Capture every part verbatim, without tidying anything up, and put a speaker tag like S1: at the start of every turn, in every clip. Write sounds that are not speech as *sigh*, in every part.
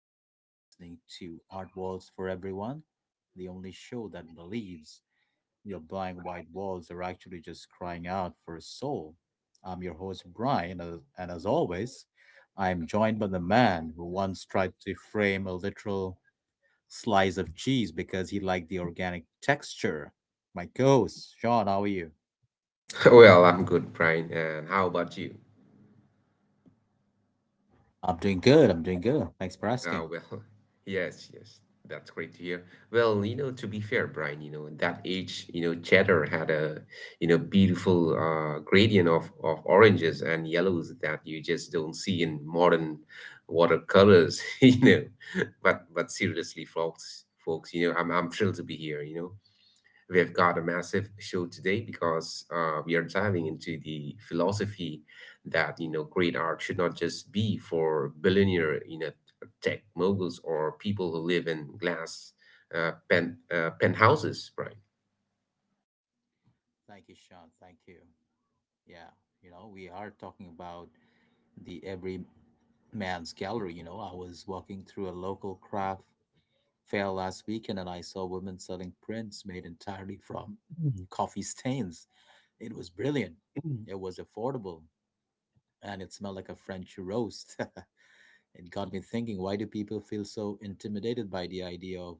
S1: everyone. You're listening to Art Walls for Everyone, the only show that believes your blank white walls are actually just crying out for a soul. I'm your host, Brian, and and as always, I'm joined by the man who once tried to frame a literal slice of cheese because he liked the organic texture. My ghost, Sean, how are you?
S2: *laughs* Well, I'm good, Brian. And how about you?
S1: I'm doing good. I'm doing good. Thanks for
S2: Ah,
S1: asking.
S2: well, *laughs* yes, yes, that's great to hear. Well, you know, to be fair, Brian, you know, that age, you know, cheddar had a, you know, beautiful uh, gradient of of oranges and yellows that you just don't see in modern watercolors, *laughs* you know. But but seriously, folks, folks, you know, I'm I'm thrilled to be here, you know. We have got a massive show today because uh, we are diving into the philosophy that you know great art should not just be for billionaire you know tech moguls or people who live in glass uh, pen, uh, penthouses, right?
S1: Thank you, Sean. Thank you. Yeah, you know, we are talking about the every man's gallery. You know, I was walking through a local craft fair last weekend and I saw women selling prints made entirely from Mhm. coffee stains. It was brilliant. Mhm. It was affordable and it smelled like a French roast. *laughs* it got me thinking, why do people feel so intimidated by the idea of,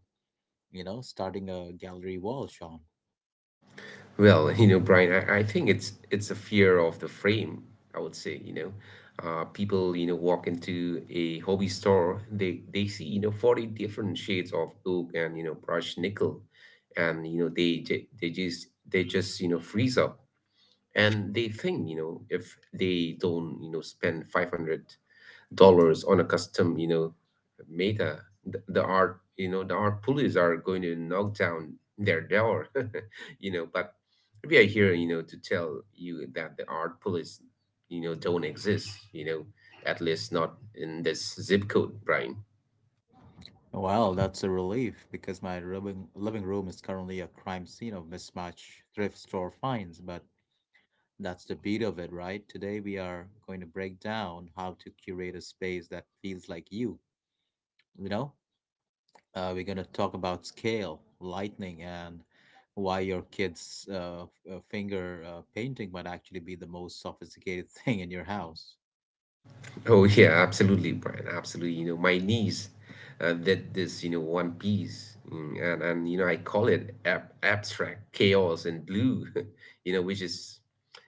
S1: you know, starting a gallery wall, Sean?
S2: Well, you know, Brian, I, I think it's it's a fear of the frame, I would say, you know. Uh, people, you know, walk into a hobby store, they they see, you know, forty different shades of oak and, you know, brushed nickel. And, you know, they ju- they just they just, you know, freeze up. And they think, you know, if they don't, you know, spend five hundred dollars on a custom, you know, meta. The, the art, you know, the art police are going to knock down their door, *laughs* you know. But we are here, you know, to tell you that the art police, you know, don't exist, you know, at least not in this zip code, Brian.
S1: Well, that's a relief because my living, living room is currently a crime scene of mismatched thrift store finds, but that's the beat of it, right? Today we are going to break down how to curate a space that feels like you. You know, uh, we're going to talk about scale, lightning, and why your kid's uh, f- uh, finger uh, painting might actually be the most sophisticated *laughs* thing in your house.
S2: Oh yeah, absolutely, Brian. Absolutely. You know, my niece uh, did this, you know, One Piece, mm, and and you know, I call it ab abstract chaos and blue, *laughs* you know, which is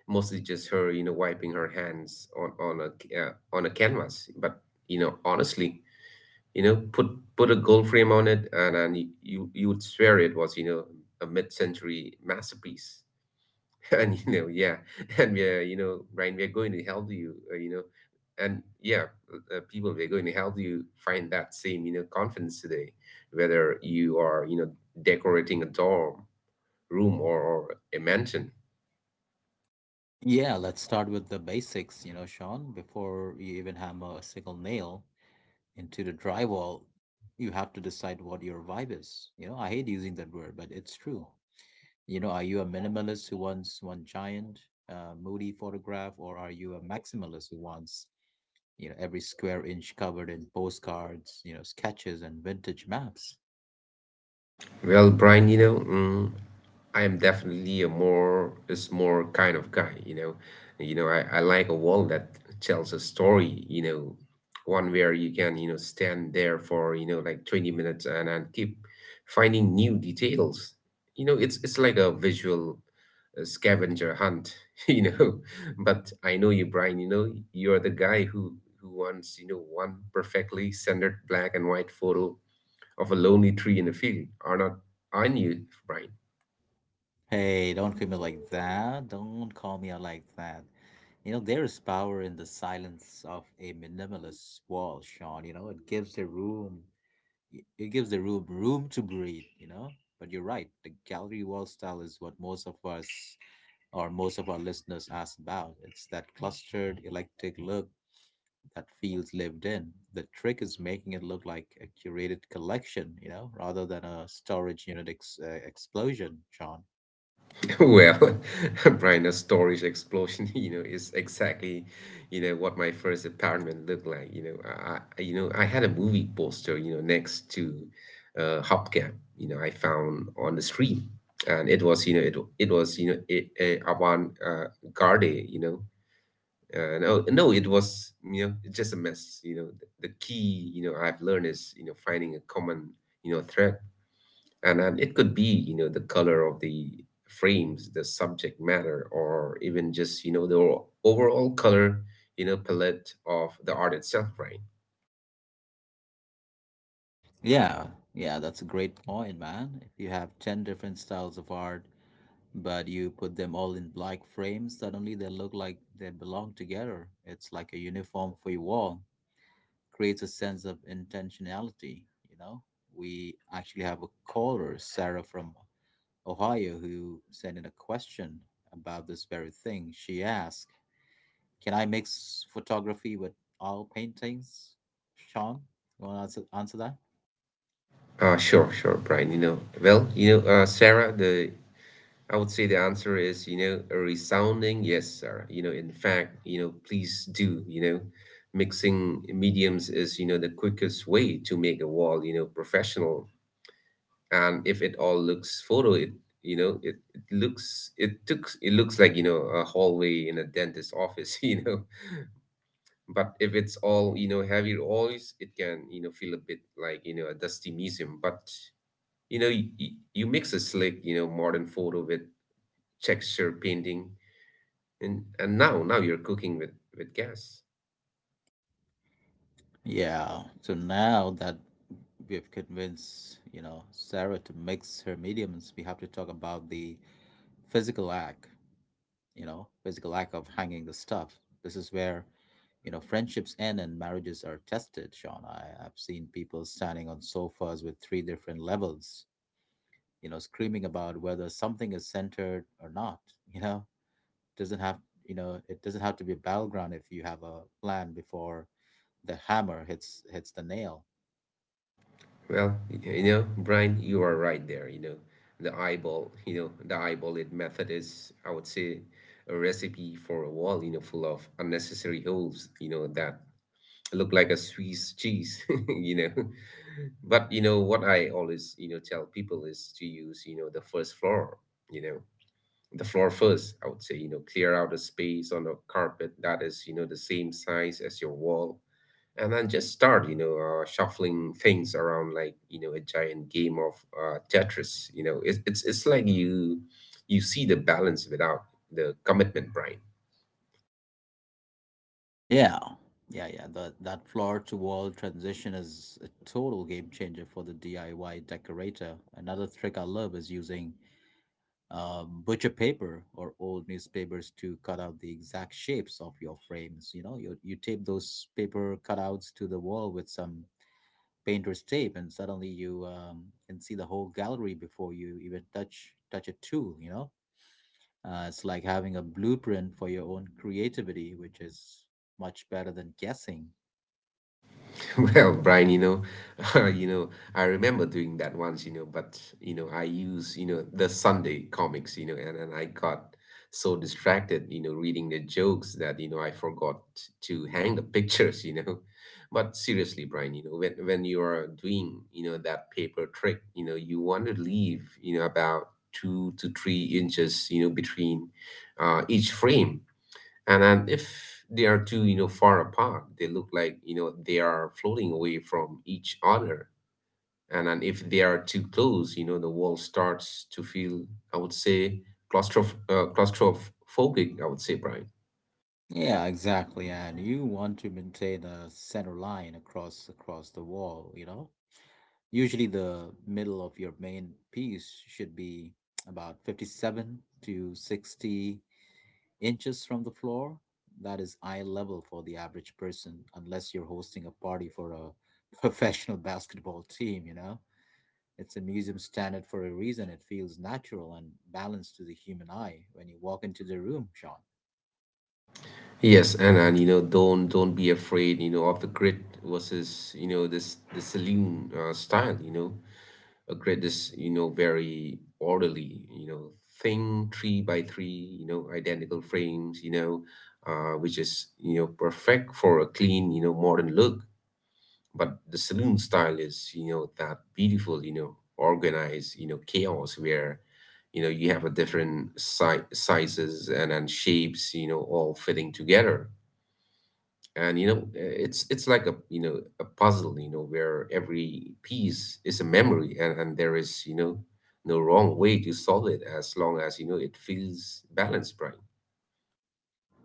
S2: mostly just her, you know, wiping her hands on on a c- uh, on a canvas. But you know, honestly, you know, put put a gold frame on it, and and you you would swear it was, you know, a mid-century masterpiece. *laughs* and you know yeah. *laughs* and we are, you know Ryan, we are going to help you, uh, you know and yeah uh, uh, people, we're going to help you find that same you know confidence today, whether you are, you know decorating a dorm room or, or a mansion.
S1: Yeah, let's start with the basics, you know, Sean. Before you even hammer a single nail into the drywall, you have to decide what your vibe is. You know, I hate using that word, but it's true. You know, are you a minimalist who wants one giant, uh, moody photograph, or are you a maximalist who wants, you know, every square inch covered in postcards, you know, sketches and vintage maps?
S2: Well, Brian, you know, mm, I am definitely a more is more kind of guy, you know. You know, I, I like a wall that tells a story, you know, one where you can, you know, stand there for, you know, like twenty minutes and, and keep finding new details. You know, it's it's like a visual uh, scavenger hunt, *laughs* you know. But I know you, Brian, you know, you're the guy who who wants, you know, one perfectly centered black and white photo of a lonely tree in a field are not unusual, Brian.
S1: Hey, don't call me like that. Don't call me out like that. You know, there is power in the silence of a minimalist wall, Sean. You know, it gives the room, it it gives the room room to breathe, you know? But you're right, the gallery wall style is what most of us or most of our listeners ask about. It's that clustered, eclectic look that feels lived in. The trick is making it look like a curated collection, you know, rather than a storage unit ex- uh, explosion, John.
S2: *laughs* Well, *laughs* Brian, a storage explosion, *laughs* you know, is exactly, you know, what my first apartment looked like. You know, I, I- you know, I had a movie poster, you know, next to uh, hubcap, you know, I found on the street, and it was, you know, it it was, you know, it, a avant uh, garde, you know. Uh, no, no, it was, you know, it's just a mess. You know, the, the key, you know, I've learned is, you know, finding a common, you know, thread. And and it could be, you know the color of the frames, the subject matter, or even just, you know the o- overall color, you know palette of the art itself, right?
S1: Yeah, yeah, that's a great point, man. If you have ten different styles of art, but you put them all in black frames, suddenly they look like they belong together. It's like a uniform for your wall. Creates a sense of intentionality. You know, we actually have a caller, Sarah from Ohio, who sent in a question about this very thing. She asked, "Can I mix photography with oil paintings?" Sean, you want to answer, answer that?
S2: Uh sure sure Brian. You know well you know uh sarah, the I would say the answer is, you know a resounding yes, Sarah. You know in fact, you know please do. You know mixing mediums is, you know the quickest way to make a wall, you know professional. And if it all looks photo, it you know it, it looks it took it looks like, you know a hallway in a dentist office. *laughs* You know but if it's all, you know heavy oils, it can, you know feel a bit like, you know a dusty museum. But you know you, you mix a slick, you know modern photo with texture painting, and and now now you're cooking with with gas.
S1: Yeah. So now that we have convinced, you know, Sarah to mix her mediums, we have to talk about the physical act, you know, physical act of hanging the stuff. This is where, you know, friendships end and marriages are tested, Sean. I, I've seen people standing on sofas with three different levels, you know, screaming about whether something is centered or not, you know, doesn't have, you know, it doesn't have to be a battleground if you have a plan before the hammer hits hits the nail.
S2: Well, you know, Brian, you are right there. You know, the eyeball, you know, the eyeball it method is, I would say, a recipe for a wall, you know, full of unnecessary holes, you know, that look like a Swiss cheese, *laughs* you know. But, you know, what I always, you know, tell people is to use, you know, the first floor, you know, the floor first, I would say, you know, clear out a space on a carpet that is, you know, the same size as your wall, and then just start, you know uh, shuffling things around like, you know a giant game of uh, Tetris. you know it, it's it's like you you see the balance without the commitment, Brian.
S1: Yeah, yeah, yeah. That that floor-to-wall transition is a total game changer for the D I Y decorator. Another trick I love is using um, butcher paper or old newspapers to cut out the exact shapes of your frames. You know, you you tape those paper cutouts to the wall with some painter's tape, and suddenly you um, can see the whole gallery before you even touch touch a tool. You know, uh, it's like having a blueprint for your own creativity, which is much better than guessing.
S2: *laughs* Well, Brian, you know, *laughs* you know, I remember doing that once, you know, but, you know, I use, you know, the Sunday comics, you know, and, and I got so distracted, you know, reading the jokes that, you know, I forgot to hang the *laughs* pictures, you know. But seriously, Brian, you know, when when you are doing, you know, that paper trick, you know, you want to leave, you know, about two to three inches, you know, between uh, each frame. And then if they are too, you know far apart, they look like, you know they are floating away from each other. And then if they are too close, you know the wall starts to feel, I would say, claustroph- uh, claustrophobic, I would say, Brian.
S1: Yeah, exactly. And you want to maintain a center line across across the wall, you know? Usually the middle of your main piece should be about fifty-seven to sixty inches from the floor. That is eye level for the average person, unless you're hosting a party for a *laughs* professional basketball team, you know? It's a museum standard for a reason. It feels natural and balanced to the human eye when you walk into the room, Sean.
S2: Yes, and and you know don't don't be afraid, you know of the grid versus, you know this the saloon uh, style, you know a grid is, you know very orderly, you know thing, three by three, you know identical frames, you know uh, which is, you know perfect for a clean, you know modern look. But the saloon style is, you know that beautiful, you know organized, you know chaos where, you know you have a different si- sizes and, and shapes, you know all fitting together. And, you know uh, it's it's like a, you know a puzzle, you know where every piece is a memory, and, and there is, you know no wrong way to solve it, as long as, you know it feels balanced, Brian.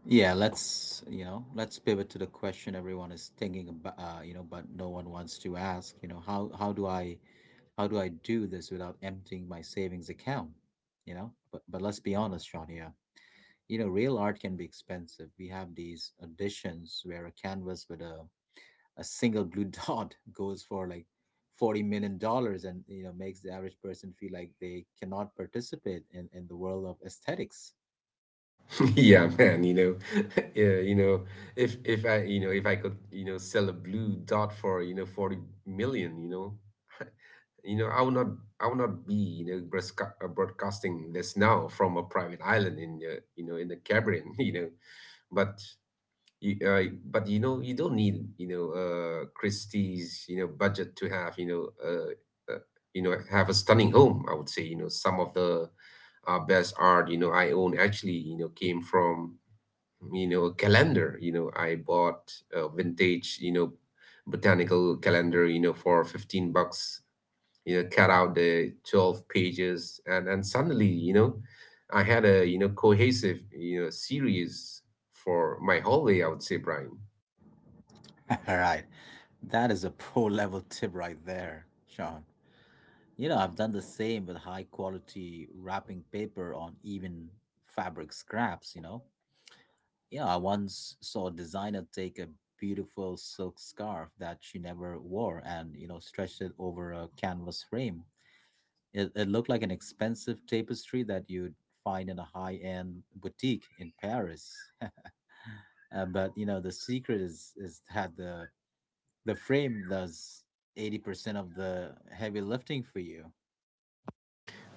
S1: Yeah, let's, you know, let's pivot to the question everyone is thinking about, uh, you know, but no one wants to ask, you know, how how do I how do I do this without emptying my savings account? You know, but but let's be honest, Sean, yeah. You know, real art can be expensive. We have these auditions where a canvas with a a single blue *laughs* dot goes for like forty million dollars and, you know, makes the average person feel like they cannot participate in in the world of aesthetics.
S2: *laughs* Yeah, man. You know *laughs* yeah. you know if if I you know if I could, you know sell a blue dot for, you know forty million, you know you know I would not, I would not be, you know broadca- uh, broadcasting this now from a private island in uh, you know in the Caribbean. *laughs* You know but You, uh, but you know, you don't need, you know uh, Christie's, you know budget to have, you know uh, uh, you know have a stunning home. I would say, you know some of the uh, best art, you know I own, actually, you know came from, you know a calendar. You know I bought a vintage, you know botanical calendar, you know for fifteen bucks. You know cut out the twelve pages, and and suddenly, you know I had a, you know cohesive, you know series for my hallway, I would say, Brian.
S1: All right. That is a pro level tip right there, Sean. You know, I've done the same with high quality wrapping paper on even fabric scraps, you know. Yeah, I once saw a designer take a beautiful silk scarf that she never wore and, you know, stretched it over a canvas frame. It, it looked like an expensive tapestry that you'd find in a high end boutique in Paris. Uh, but, you know, the secret is, is that the the frame does eighty percent of the heavy lifting for you.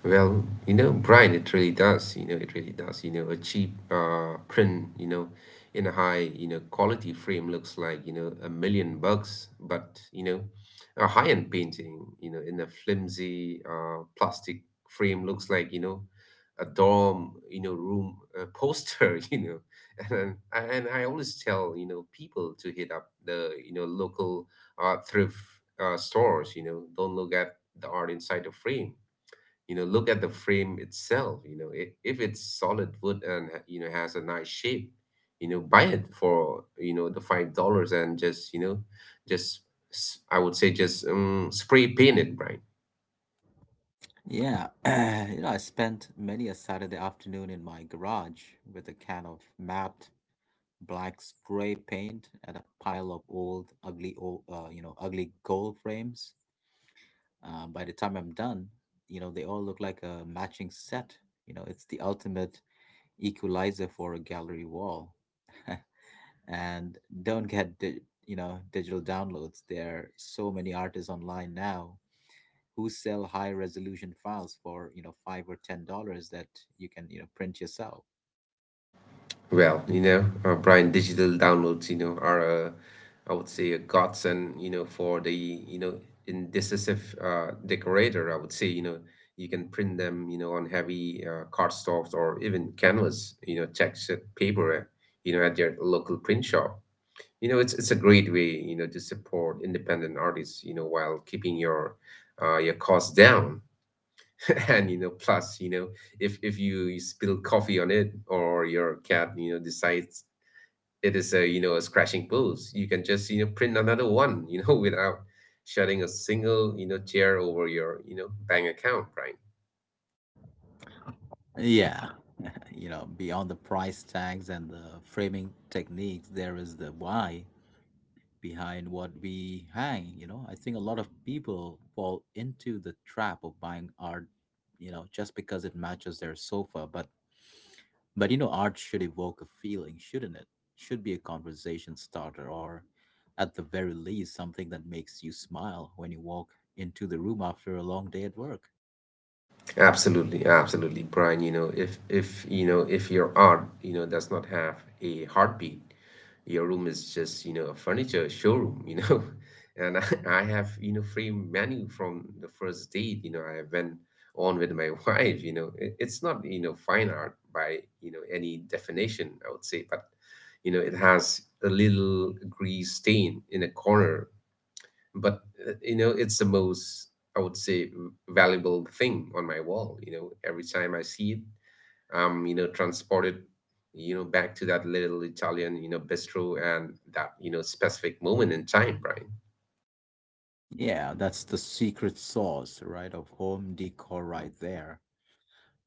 S2: Well, you know, Brian, it really does. You know, it really does. You know, a cheap uh, print, you know, in a high, you know, quality frame looks like, you know, a million bucks. But, you know, a high-end painting, you know, in a flimsy uh, plastic frame looks like, you know, a dorm, you know, room uh, poster, *laughs* you know. And, and I always tell, you know, people to hit up the, you know, local uh, thrift uh, stores, you know, don't look at the art inside the frame. You know look at the frame itself. you know if, if it's solid wood and ha- you know has a nice shape, you know buy it for, you know the five dollars, and just, you know just s- I would say just um, spray paint it, Brian.
S1: Yeah, *clears throat* you know, I spent many a Saturday afternoon in my garage with a can of matte black spray paint and a pile of old, ugly, old, uh, you know, ugly gold frames. Uh, by the time I'm done, you know, they all look like a matching set. You know, it's the ultimate equalizer for a gallery wall. *laughs* and don't get di- you know, digital downloads, there are so many artists online now who sell high resolution files for, you know, five or ten dollars that you can, you know, print yourself.
S2: Well, you know, uh, Brian, digital downloads, you know, are a, I would say a godsend, you know, for the, you know, indecisive uh, decorator, I would say. You know, you can print them, you know, on heavy uh, cardstocks or even canvas, you know, textured paper, uh, you know, at your local print shop. You know, it's it's a great way, you know, to support independent artists, you know, while keeping your uh, your costs down. *laughs* and you know, plus, you know, if if you, you spill coffee on it or your cat you know decides it is a you know a scratching pose. You can just you know print another one you know *laughs* Without shedding a single you know tear over your you know bank account, right?
S1: Yeah, *laughs* you know, beyond the price tags and the framing techniques there is the why behind what we hang. You know, I think a lot of people fall into the trap of buying art, you know, just because it matches their sofa, but But you know, art should evoke a feeling, shouldn't it? Should be a conversation starter, or at the very least, something that makes you smile when you walk into the room after a long day at work.
S2: Absolutely, absolutely, Brian. You know, if if you know if your art, you know, does not have a heartbeat, your room is just you know a furniture showroom. You know, *laughs* and I, I have you know free menu from the first date. You know, I went on with my *laughs* wife. You know, it, it's not you know fine art by you know any definition, I would say. But you know, it has a little grease stain in a corner, but uh, you know it's the most, I would say, v- valuable thing on my wall. You know every time I see it, um, you know transported you know back to that little Italian you know bistro, and that you know specific moment in time, right?
S1: Yeah, that's the secret sauce, right, of home decor right there.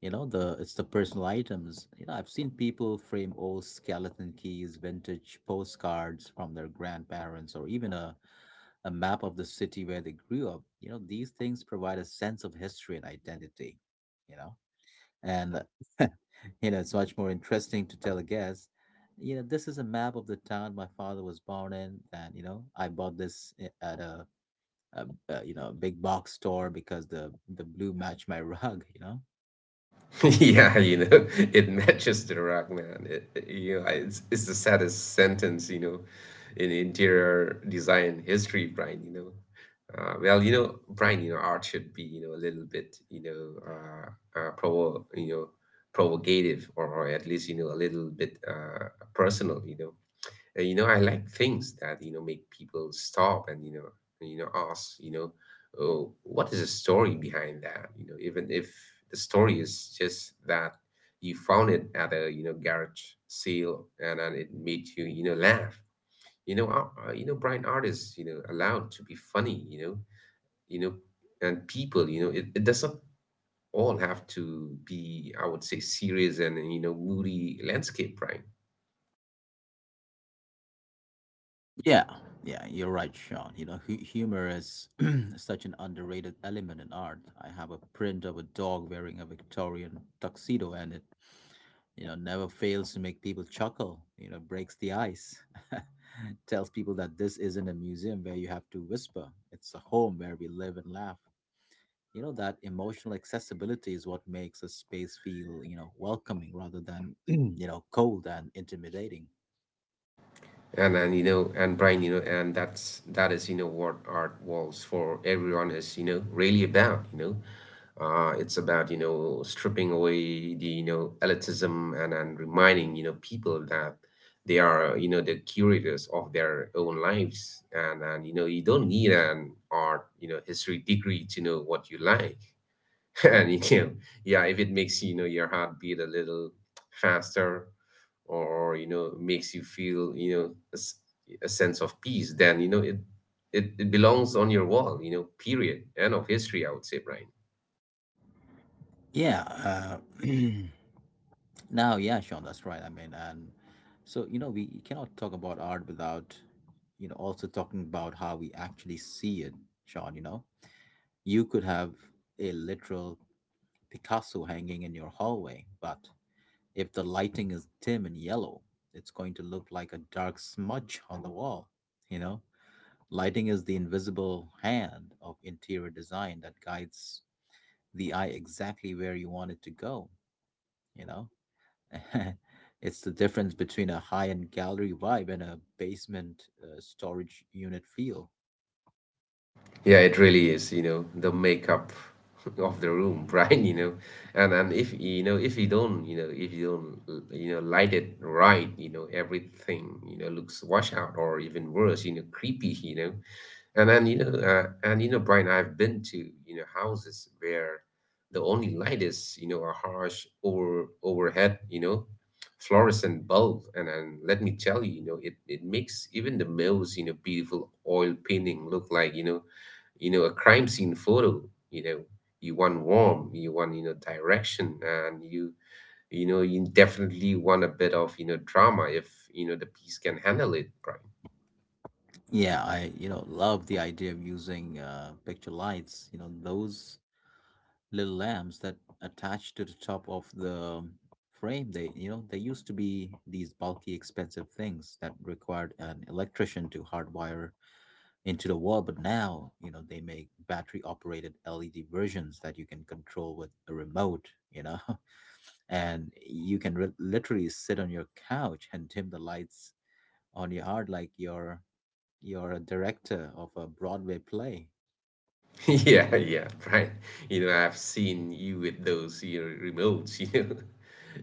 S1: You know, the it's the personal items. You know, I've seen people frame old skeleton keys, vintage postcards from their grandparents, or even a, a map of the city where they grew up. You know, these things provide a sense of history and identity, you know? And *laughs* you know, it's much more interesting to tell a guest, you know, this is a map of the town my father was born in, and you know, I bought this i- at a, a, a you know, a big box store because the the blue matched my *laughs* rug, you know.
S2: *laughs* Yeah, you know, it matches the rock, man. It, it- you know, I- it's, it's the saddest sentence, you know, in interior design history, Brian, you know. Uh, well, you know, Brian, you know, art should be, you know, a little bit, you know, uh, uh, provo, you know, provocative, or, or at least, you know, a little bit uh, personal, you know. Uh, you know, I like things that you know make people stop and you know you know ask, you know, oh, what is the story behind that? You know, even if the story is just that you found it at a you know garage sale, and then it made you you know laugh. You know, uh, uh, you know, blind artists you know allowed to be funny. You know, you know, and people, you know it, it doesn't all have to be, I would say, serious and you know moody landscape, right?
S1: Yeah, yeah, you're right, Sean. You know, hu- humor is *clears throat* such an underrated element in art. I have a print of a dog wearing a Victorian tuxedo, and it, you know, never fails to make people chuckle, you know, breaks the ice, *laughs* tells people that this isn't a museum where you have to whisper, it's a home where we live and laugh. You know, that emotional accessibility is what makes a space feel, you know, welcoming rather than, *clears throat* you know, cold and intimidating.
S2: and and you know and Brian, you know and that's that is you know what Art Walls for Everyone is you know really about you know uh, It's about you know stripping away the you know elitism, and and reminding you know people that they are you know the curators of their own lives, and and you know you don't need an art you know history degree to know what you like. *laughs* And you can, yeah, if it makes you know your heart beat a little faster, or you know makes you feel, you know a, s- a sense of peace, then you know it, it it belongs on your wall. You know period, end of history, I would say, Brian.
S1: Yeah. Uh, *clears throat* now, yeah, Sean, that's right. I mean, and so, you know, we cannot talk about art without, you know, also talking about how we actually see it, Sean, you know. You could have a literal Picasso hanging in your hallway, but if the lighting is dim and yellow, it's going to look like a dark smudge on the wall, you know? Lighting is the invisible hand of interior design that guides the eye exactly where you want it to go, you know? *laughs* it's the difference between a high-end gallery vibe and a basement uh, storage unit feel.
S2: Yeah, it really is, you know, the makeup *laughs* of the room, *laughs* right? You know, and and if you know if you don't, you know, if you don't, uh, you know, light it right, you know, everything, you know, looks washed out, or even worse, you know, creepy, you know, and then you know, uh, and you know, Brian, I've been to you know houses where the only light is you know a harsh over overhead, you know, fluorescent bulb, and and let me tell you, you know, it it makes even the most you know beautiful oil painting look like you know you know a crime scene photo you know you want warm, you want you know direction, and you you know you definitely want a bit of you know drama, if you know the piece can handle it, right?
S1: Yeah, I, you know, love the idea of using uh, picture lights. You know those little lamps that attach to the top of the frame. They, you know, they used to be these bulky, expensive things that required an electrician to hardwire into the wall. But now you know they make battery operated L E D versions that you can control with a remote. You know, *laughs* and you can re- literally sit on your couch and dim the lights on your art like you're you're a director of a Broadway play.
S2: *laughs* Yeah, yeah, right. You know, I've seen you with those you know, remotes. *laughs* You know,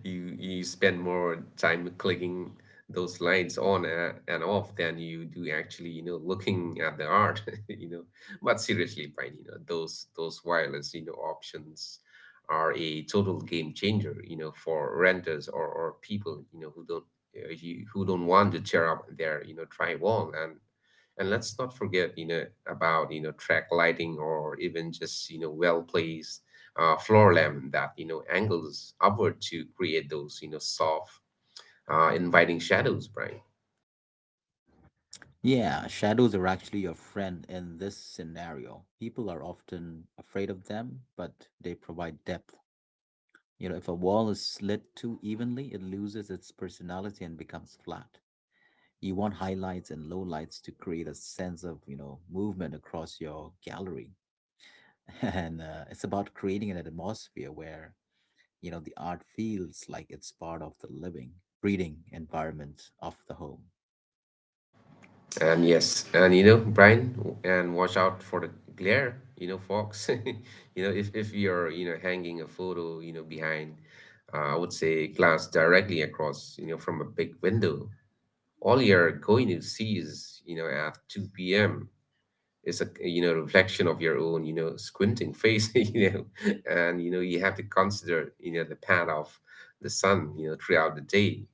S2: you you spend more time clicking those lights on a- and off than you do, actually, you know, looking at the art. *laughs* You know, but seriously, Brian, you know, those those wireless, you know, options are a total game changer. You know, for renters or or people, you know, who don't uh, you, who don't want to tear up their you know drywall. And and let's not forget, you know, about you know track lighting, or even just you know well placed uh, floor lamp that you know angles upward to create those you know soft, uh, inviting shadows, Brian.
S1: Yeah, shadows are actually your friend in this scenario. People are often afraid of them, but they provide depth. You know, if a wall is slit too evenly, it loses its personality and becomes flat. You want highlights and lowlights to create a sense of, you know, movement across your gallery. *laughs* And uh, It's about creating an atmosphere where you know the art feels like it's part of the living breeding environment of the home
S2: And yes, and you know, Brian, and watch out for the glare, you know, folks. *laughs* you know, if if you're you know hanging a photo, you know, behind, uh, I would say, glass directly across, you know, from a big window. All you're going to see is, you know at two p m, it's a you know reflection of your own you know squinting face. *laughs* you know and you know you have to consider you know the path of the sun you know throughout the day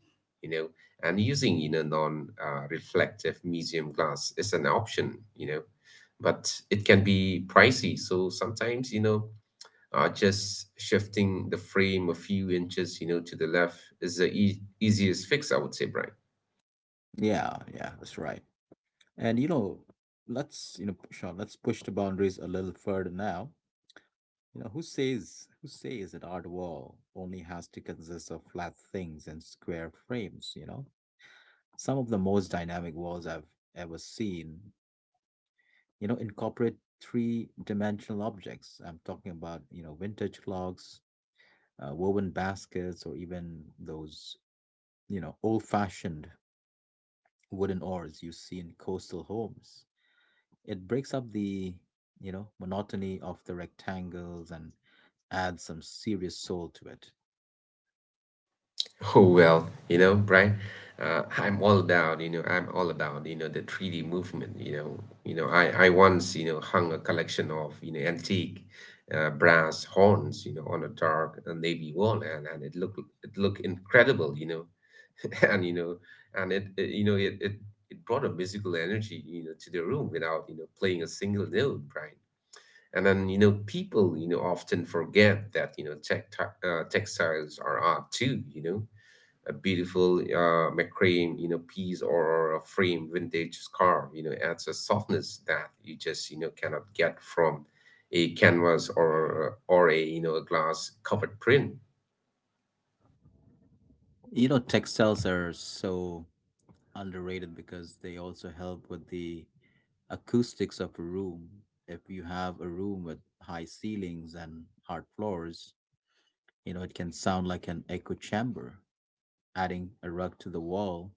S2: you know and using you know non uh, reflective museum glass is an option. You know but it can be pricey, so sometimes you know uh, just shifting the frame a few inches you know to the left is the e- easiest fix, I would say, Brian.
S1: yeah yeah That's right. And you know let's you know sean let's push the boundaries a little further now. You know who says who says that art wall only has to consist of flat things and square frames you know Some of the most dynamic walls I've ever seen you know incorporate three dimensional objects. I'm talking about you know vintage clocks, uh, woven baskets, or even those you know, old fashioned wooden oars you see in coastal homes. It breaks up the, you know, monotony of the rectangles and adds some serious soul to it.
S2: Oh well, you know, Brian, uh, I'm all about, you know, I'm all about, you know, the three D movement, you know. You know, I, I once, you know, hung a collection of, you know, antique uh, brass horns, you know, on a dark uh, navy wall, and, and it looked it looked incredible, you know. *laughs* And you know, and it, it you know, it, it it brought a musical energy, you know, to the room, without, you know, playing a single note, Brian. And then, you know, people, you know, often forget that, you know, tech, uh, textiles are art too, you know A beautiful uh, macrame, you know, piece, or a frame vintage scarf, you know, adds a softness that you just, you know, cannot get from a canvas, or or a, you know, a glass covered print.
S1: You know, textiles are so underrated because they also help with the acoustics of a room. If you have a room with high ceilings and hard floors, you know, it can sound like an echo chamber. Adding a rug to the wall,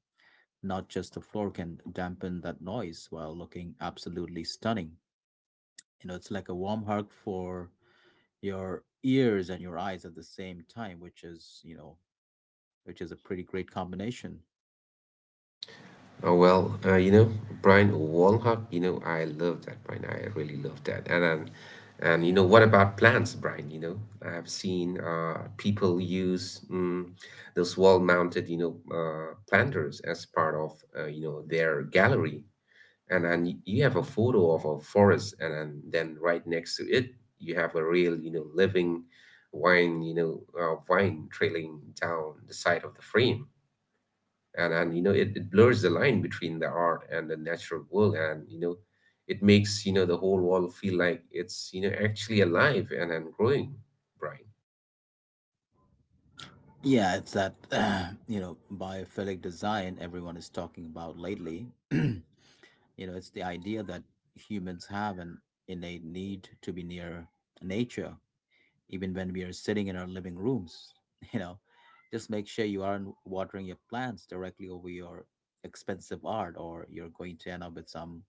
S1: not just the floor, can dampen that noise while looking absolutely stunning. You know, it's like a warm hug for your ears and your eyes at the same time, which is, you know, which is a pretty great combination.
S2: Oh, well, uh, you know, Brian Walhub, you know, I love that, Brian. I really love that. And and, and you know, what about plants, Brian? You know, I've seen uh, people use mm, those wall-mounted, you know, uh, planters as part of, uh, you know, their gallery. And and y- you have a photo of a forest, and and then right next to it you have a real you know living wine, you know uh, vine trailing down the side of the frame. And and you know it, it blurs the line between the art and the natural world, and you know it makes you know the whole wall feel like it's you know actually alive and, and growing, Brian.
S1: Yeah, it's that, *clears throat* you know, biophilic design everyone is talking about lately. *clears throat* You know, it's the idea that humans have an innate need to be near nature even when we are sitting in our living rooms. *laughs* You know, just make sure you aren't watering your plants directly over your expensive art, or you're going to end up with some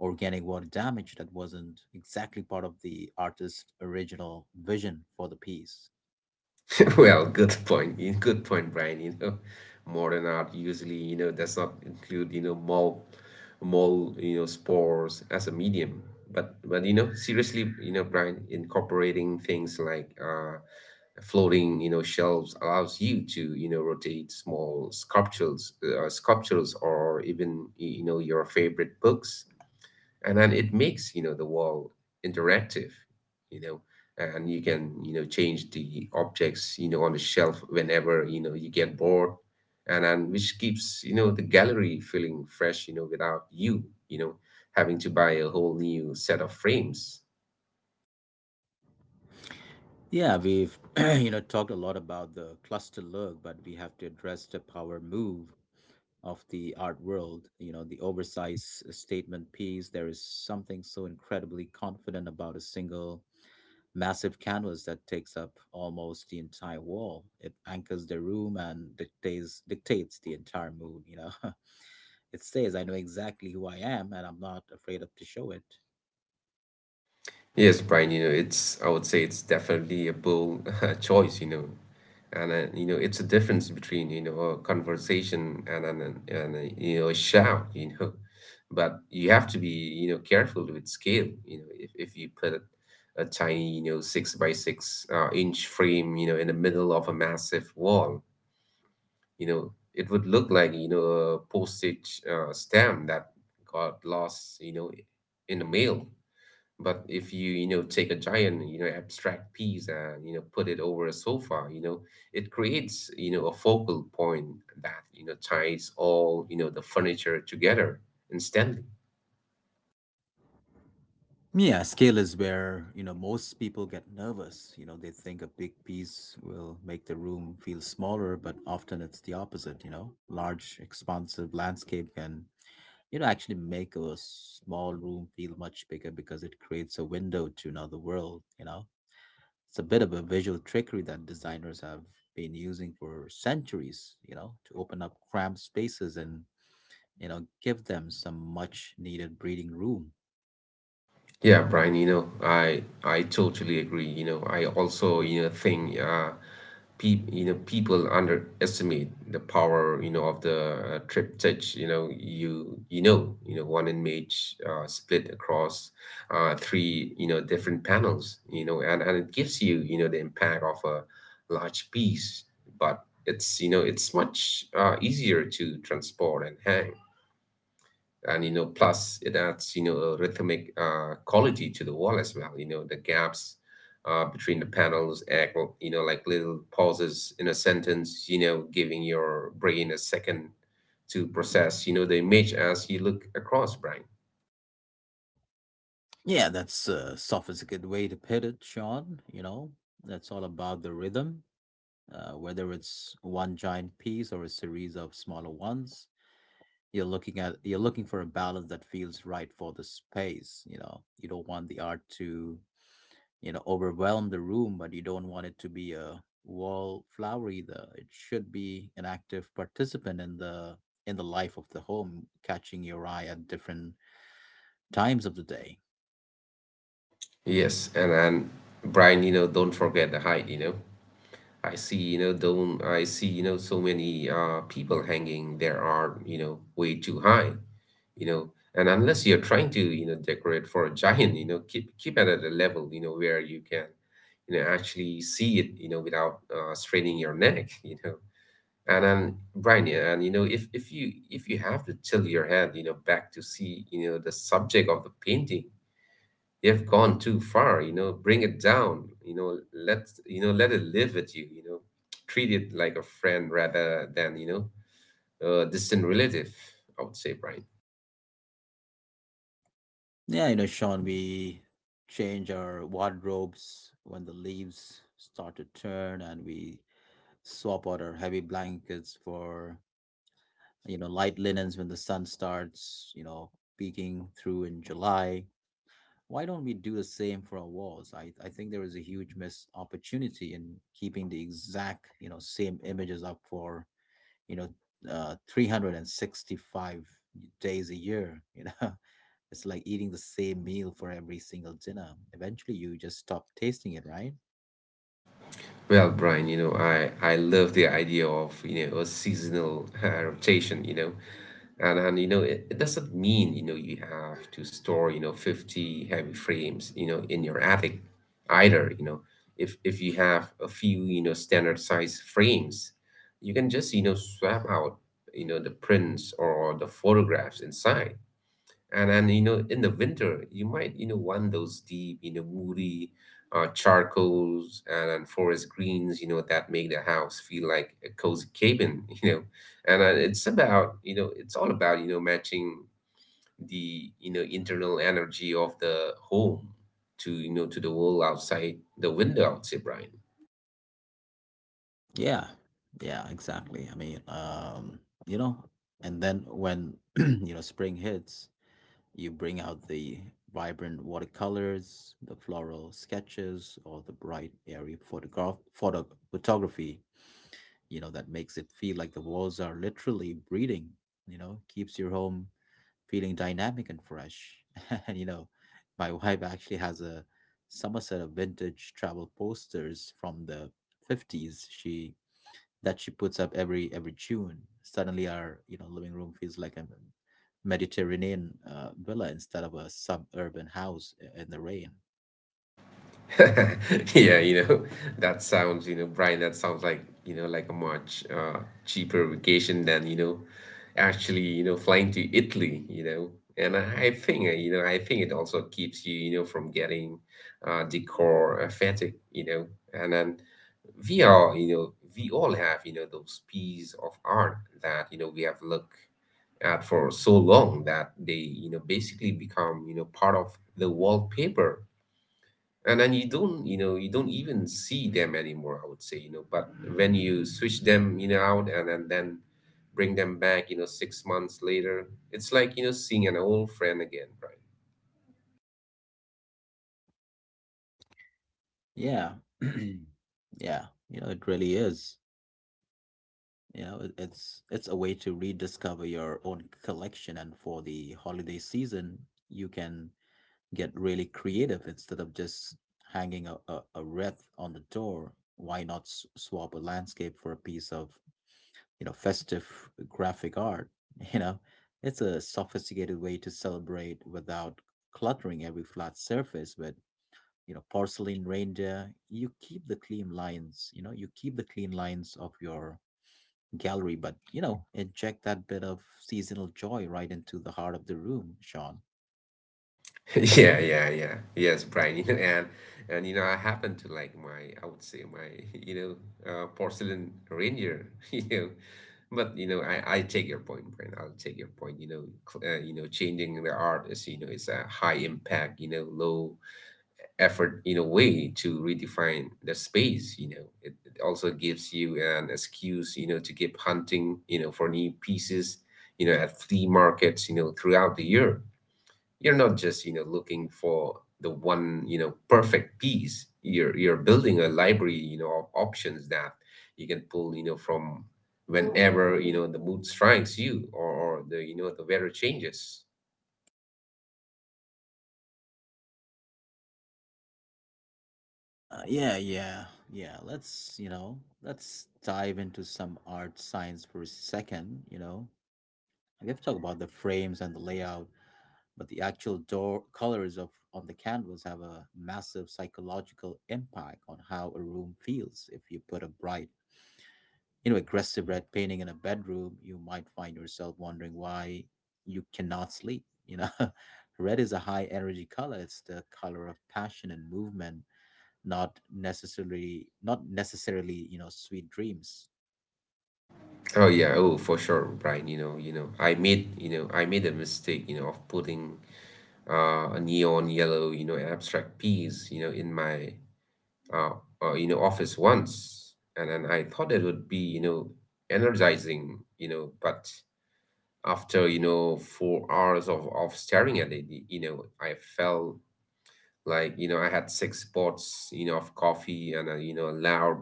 S1: organic water damage that wasn't exactly part of the artist's original vision for the piece.
S2: *laughs* Well, good point. y- Good point, Brian. You know, modern art usually, you know, does not include, you know, mole, mole, you know, spores as a medium. But but you know, seriously, you know, Brian, incorporating things like uh, floating, you know, shelves allows you to, you know, rotate small sculptures, uh, sculptures, or even, y- you know, your favorite books. And then it makes you know the wall interactive. you know and you can you know change the objects you know on the shelf whenever you know you get bored, and then which keeps you know the gallery feeling fresh, you know without you you know having to buy a whole new set of frames.
S1: Yeah, we've *clears throat* you know talked a lot about the cluster look, but we have to address the power move of the art world. You know, the oversized statement piece. There is something so incredibly confident about a single massive canvas that takes up almost the entire wall. It anchors the room and dictates dictates the entire mood, you know. *laughs* It says I know exactly who I am and I'm not afraid of to show it.
S2: Yes, Brian, you know it's I would say it's definitely a bold *laughs* choice. you know and uh, you know it's a difference between you know a conversation and an an- and a, you know a shout. You know but you have to be you know careful with scale. you know if, if you put a tiny you know six by six uh, inch frame you know in the middle of a massive wall, you know it would look like you know a postage uh, stamp that got lost, you know in the mail. But if you, you know, take a giant, you know, abstract piece and, you know, put it over a sofa, you know, it creates, you know, a focal point that, you know, ties all, you know, the furniture together instantly.
S1: Yeah, scale is where, you know, most people get nervous. You know, they think a big piece will make the room feel smaller, but often it's the opposite, you know. Large expansive landscape can, you know, actually make a small room feel much bigger because it creates a window to another world, you know It's a bit of a visual trickery that designers have been using for centuries, you know, to open up cramped spaces and, you know, give them some much needed breathing room.
S2: Yeah, Brian, you know, I I totally agree. You know, I also, you know, think uh pe you know, people underestimate the power, you know, of the uh, triptych, you know, you you know, you know, one image uh split across uh three, you know, different panels, you know, and and it gives you, you know, the impact of a large piece, but it's, you know, it's much uh easier to transport and hang, and you know plus it adds you know a rhythmic uh, quality to the wall as well. You know the gaps uh, between the panels act, well, you know like little pauses in a sentence, you know giving your brain a second to process you know the image as you look across, Brian.
S1: Yeah, that's a sophisticated way to put it, Sean. You know, that's all about the rhythm. Uh, whether it's one giant piece or a series of smaller ones, you're looking at you're looking for a balance that feels right for the space. You know, you don't want the art to you know overwhelm the room, but you don't want it to be a wallflower either. It should be an active participant in the in the life of the home, catching your eye at different times of the day
S2: Yes, and and brian you know don't forget the height. You know i see you know don't I see you know so many uh people hanging, there are you know way too high. You know and unless you're trying to you know decorate for a giant, you know keep keep it at a level you know where you can you know actually see it you know without uh, straining your neck *laughs* you know and then Brian yeah, and you know if if you, if you have to tilt your head you know back to see you know the subject of the painting, you've gone too far. You know bring it down, you know let you know let it live with you, you know treat it like a friend rather than, you know a distant relative, I would say, Brian.
S1: yeah you know sean we change our wardrobes when the leaves start to turn, and we swap out our heavy blankets for you know light linens when the sun starts you know peeking through in July. Why don't we do the same for our walls? I, I think there is a huge missed opportunity in keeping the exact, you know, same images up for, you know, uh, three hundred sixty-five days a year, you know. *laughs* It's like eating the same meal for every single dinner. Eventually you just stop tasting it, right?
S2: Well, Brian, you know, I, I love the idea of, you know, a seasonal *laughs* uh, rotation, you know, and, and, you know, it, it doesn't mean, you know, you have to store, you know, 50 heavy frames, you know, in your attic either. You know, if, if you have a few, you know, standard size frames, you can just, you know, swap out, you know, the prints or the photographs inside. And and you know, in the winter, you might you know want those deep, you know, moody uh, charcoals and, and forest greens, you know, that make the house feel like a cozy cabin *laughs* you know. And uh, it's about you know, it's all about, you know matching the, you know internal energy of the home to, you know to the world outside the window, I would say, Brian.
S1: Yeah. Yeah, exactly. I mean, um, you know, and then when, *clears throat* you know, spring hits, you bring out the vibrant watercolors, the floral sketches, or the bright, airy photograph photo, photography. You know, that makes it feel like the walls are literally breathing. You know, keeps your home feeling dynamic and fresh. *laughs* And you know, my wife actually has a summer set of vintage travel posters from the fifties. She that she puts up every every June. Suddenly, our you know living room feels like a Mediterranean uh, villa instead of a suburban house i- in the rain.
S2: *laughs* Yeah, you know, that sounds, you know, Brian, that sounds like, you know, like a much uh, cheaper vacation than, you know, actually, you know, flying to Italy. You know. And I think, uh, you know, I think it also keeps you, you know, from getting uh, decor uh, fatigue. You know. And then we all, you know, we all have, you know, those pieces of art that, you know, we have looked at for so long that they, you know, basically become, you know, part of the wallpaper, and then you don't you know you don't even see them anymore, I would say. You know but when you switch them you know out and, and then bring them back, you know six months later, it's like you know seeing an old friend again, Brian.
S1: Yeah, *clears throat* yeah, you know, it really is. You know, it- it's it's a way to rediscover your own collection, and for the holiday season, you can get really creative. Instead of just hanging a, a, a wreath on the door, why not s- swap a landscape for a piece of you know festive graphic art? *laughs* You know, it's a sophisticated way to celebrate without cluttering every flat surface. But you know, porcelain reindeer, you keep the clean lines you know you keep the clean lines of your gallery, but you know, inject that bit of seasonal joy right into the heart of the room, Sean.
S2: *laughs* yeah yeah yeah yes Brian *laughs* you know and and you know I happen to like my, I would say my *laughs* you know uh, porcelain reindeer *laughs* you know but you know i i take your point, Brian, I'll take your point. You know cl- uh, you know changing the art is, you know is a high impact, you know low effort in a way to redefine the space. You know it, it also gives you an excuse you know to keep hunting you know for new pieces you know at flea markets you know throughout the year. You're not just you know looking for the one, you know perfect piece, you're you're building a library you know of options that you can pull you know from whenever you know the mood strikes you, or, or the, you know the weather changes.
S1: Uh, yeah, yeah, yeah. Let's, you know, let's dive into some art science for a second, you know. We have to talk about the frames and the layout, but the actual door colors of on the canvas have a massive psychological impact on how a room feels. If you put a bright, you know, aggressive red painting in a bedroom, you might find yourself wondering why you cannot sleep, you know. *laughs* Red is a high energy color. It's the color of passion and movement, not necessarily not necessarily you know, sweet dreams.
S2: Oh yeah, oh for sure, Brian. You know, you know, I made, you know, I made a mistake, you know, of putting uh, a neon yellow, you know, abstract piece, you know, in my, uh, uh, you know, office once, and then I thought it would be, you know, energizing, you know, but after, you know, four hours of of staring at it, y- you know, I felt like you know I had six pots you know of coffee and a, you know a loud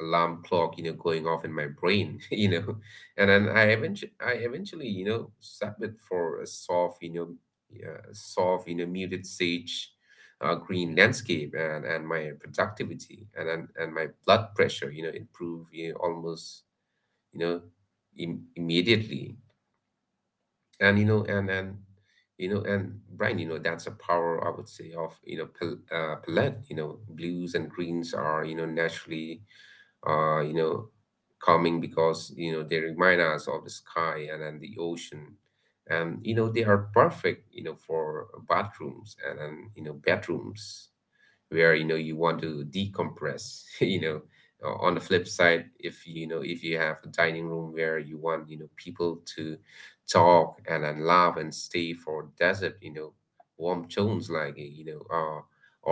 S2: alarm clock you know going off in my brain *laughs* you know and then I eventually I eventually you know submit for a soft, you know yeah, soft, you know muted sage uh, green landscape, and and my productivity and and, and my blood pressure you know improve, you know, almost, you know Im- immediately. And you know and and you know and Brian, you know that's a power, I would say, of you know pal- uh, palette. You know blues and greens are, you know naturally uh you know calming, because you know they remind us of the sky and, and the ocean, and you know they are perfect you know for bathrooms and, and you know bedrooms where you know you want to decompress *laughs* you know Uh, on the flip side, if you know if you have a dining room where you want, you know people to talk and then laugh and stay for desert, you know warm tones like uh, you know uh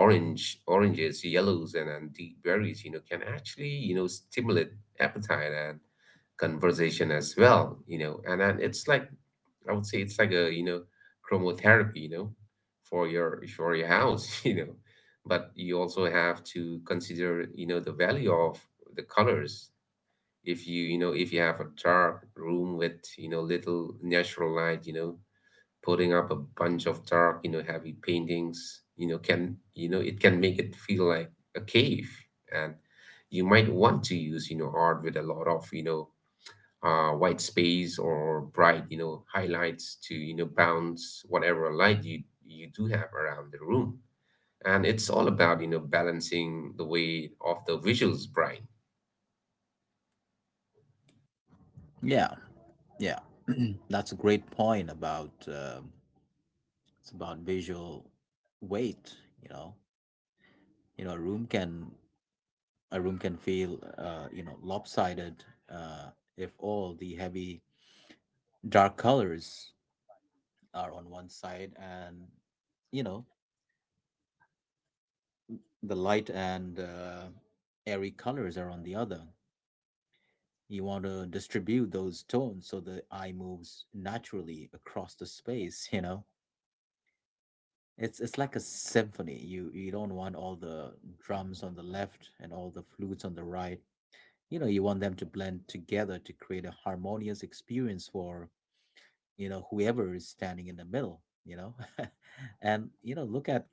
S2: orange oranges, yellows, and then deep berries, you know can actually, you know stimulate appetite and conversation as well. You know and then It's like, I would say it's like a, you know chromotherapy, you know, for your, for your house *laughs* you know. But you also have to consider you know the value of the colors. If you you know if you have a dark room with, you know little natural light, you know, putting up a bunch of dark, you know heavy paintings, you know can you know it can make it feel like a cave, and you might want to use, you know art with a lot of, you know uh, white space or bright, you know, highlights to, you know, bounce whatever light you, you do have around the room. And it's all about, you know, balancing the weight of the visuals, Brian.
S1: Yeah yeah *clears throat* that's a great point about um it's about visual weight, you know you know a room can A room can feel uh you know, lopsided uh if all the heavy dark colors are on one side and you know, the light and uh, airy colors are on the other. You want to distribute those tones so the eye moves naturally across the space, you know? It's it's like a symphony. You you don't want all the drums on the left and all the flutes on the right. You know, you want them to blend together to create a harmonious experience for, you know, whoever is standing in the middle, you know? *laughs* And you know, look at,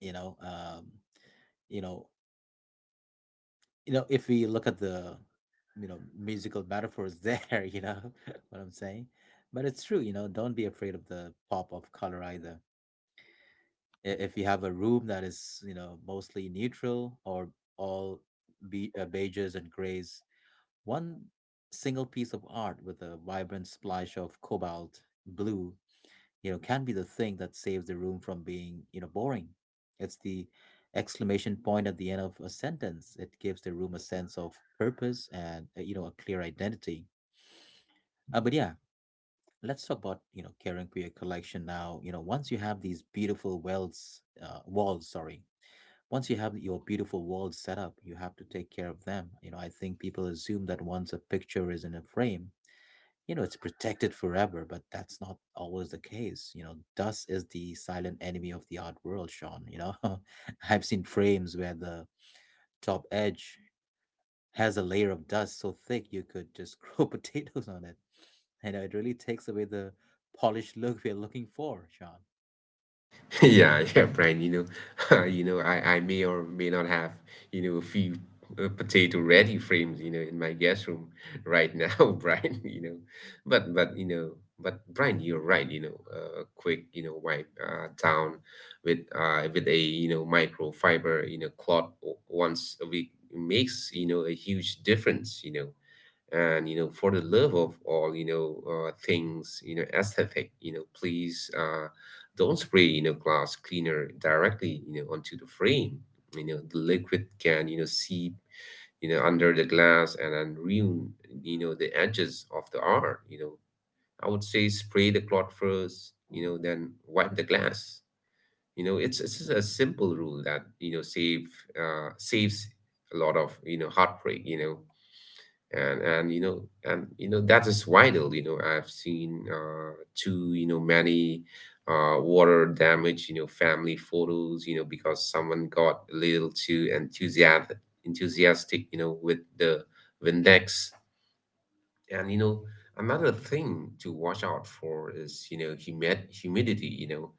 S1: you know, um, you know, you know if we look at the you know musical metaphors there, *laughs* you know, *laughs* what I'm saying. But it's true, you know, don't be afraid of the pop of color either. I- if you have a room that is you know, mostly neutral or all be uh, beiges and grays, one single piece of art with a vibrant splash of cobalt blue, you know, can be the thing that saves the room from being, you know, boring. It's the exclamation point at the end of a sentence. It gives the room a sense of purpose and, uh, you know, a clear identity. Uh, but yeah, let's talk about, you know, caring for your collection now. You know, once you have these beautiful wells, uh, walls, sorry, once you have your beautiful walls set up, you have to take care of them. You know, I think people assume that once a picture is in a frame, you know, it's protected forever, but that's not always the case. You know, dust is the silent enemy of the art world, Sean, you know. *laughs* I've seen frames where the top edge has a layer of dust so thick you could just grow *laughs* potatoes on it, and it really takes away the polished look we're looking for, Sean.
S2: *laughs* Yeah, yeah, Brian, you know, *laughs* you know, I, I may or may not have, you know, a few uh, potato ready frames, you know, in my guest room right now *laughs* Brian. You know. But but you know, but Brian, you're right, you know, a quick, you know, wipe uh, down with uh with a, you know, microfiber, you know, cloth o- once a week makes, you know, a huge difference. You know and you know For the love of all, you know uh, things, you know aesthetic, you know please, uh, don't spray, you know glass cleaner directly you know onto the frame. You know the liquid can you know seep you know under the glass and then ruin you know the edges of the art. you know I would say spray the cloth first, you know then wipe the glass. You know it's it's just a simple rule that, you know save uh, saves a lot of, you know heartbreak. You know and and you know and you know That is vital. you know I've seen uh too you know many uh water damage, you know family photos you know because someone got a little too enthusiastic enthusiastic, you know with the Windex. and you know, Another thing to watch out for is, you know humid humidity. You know,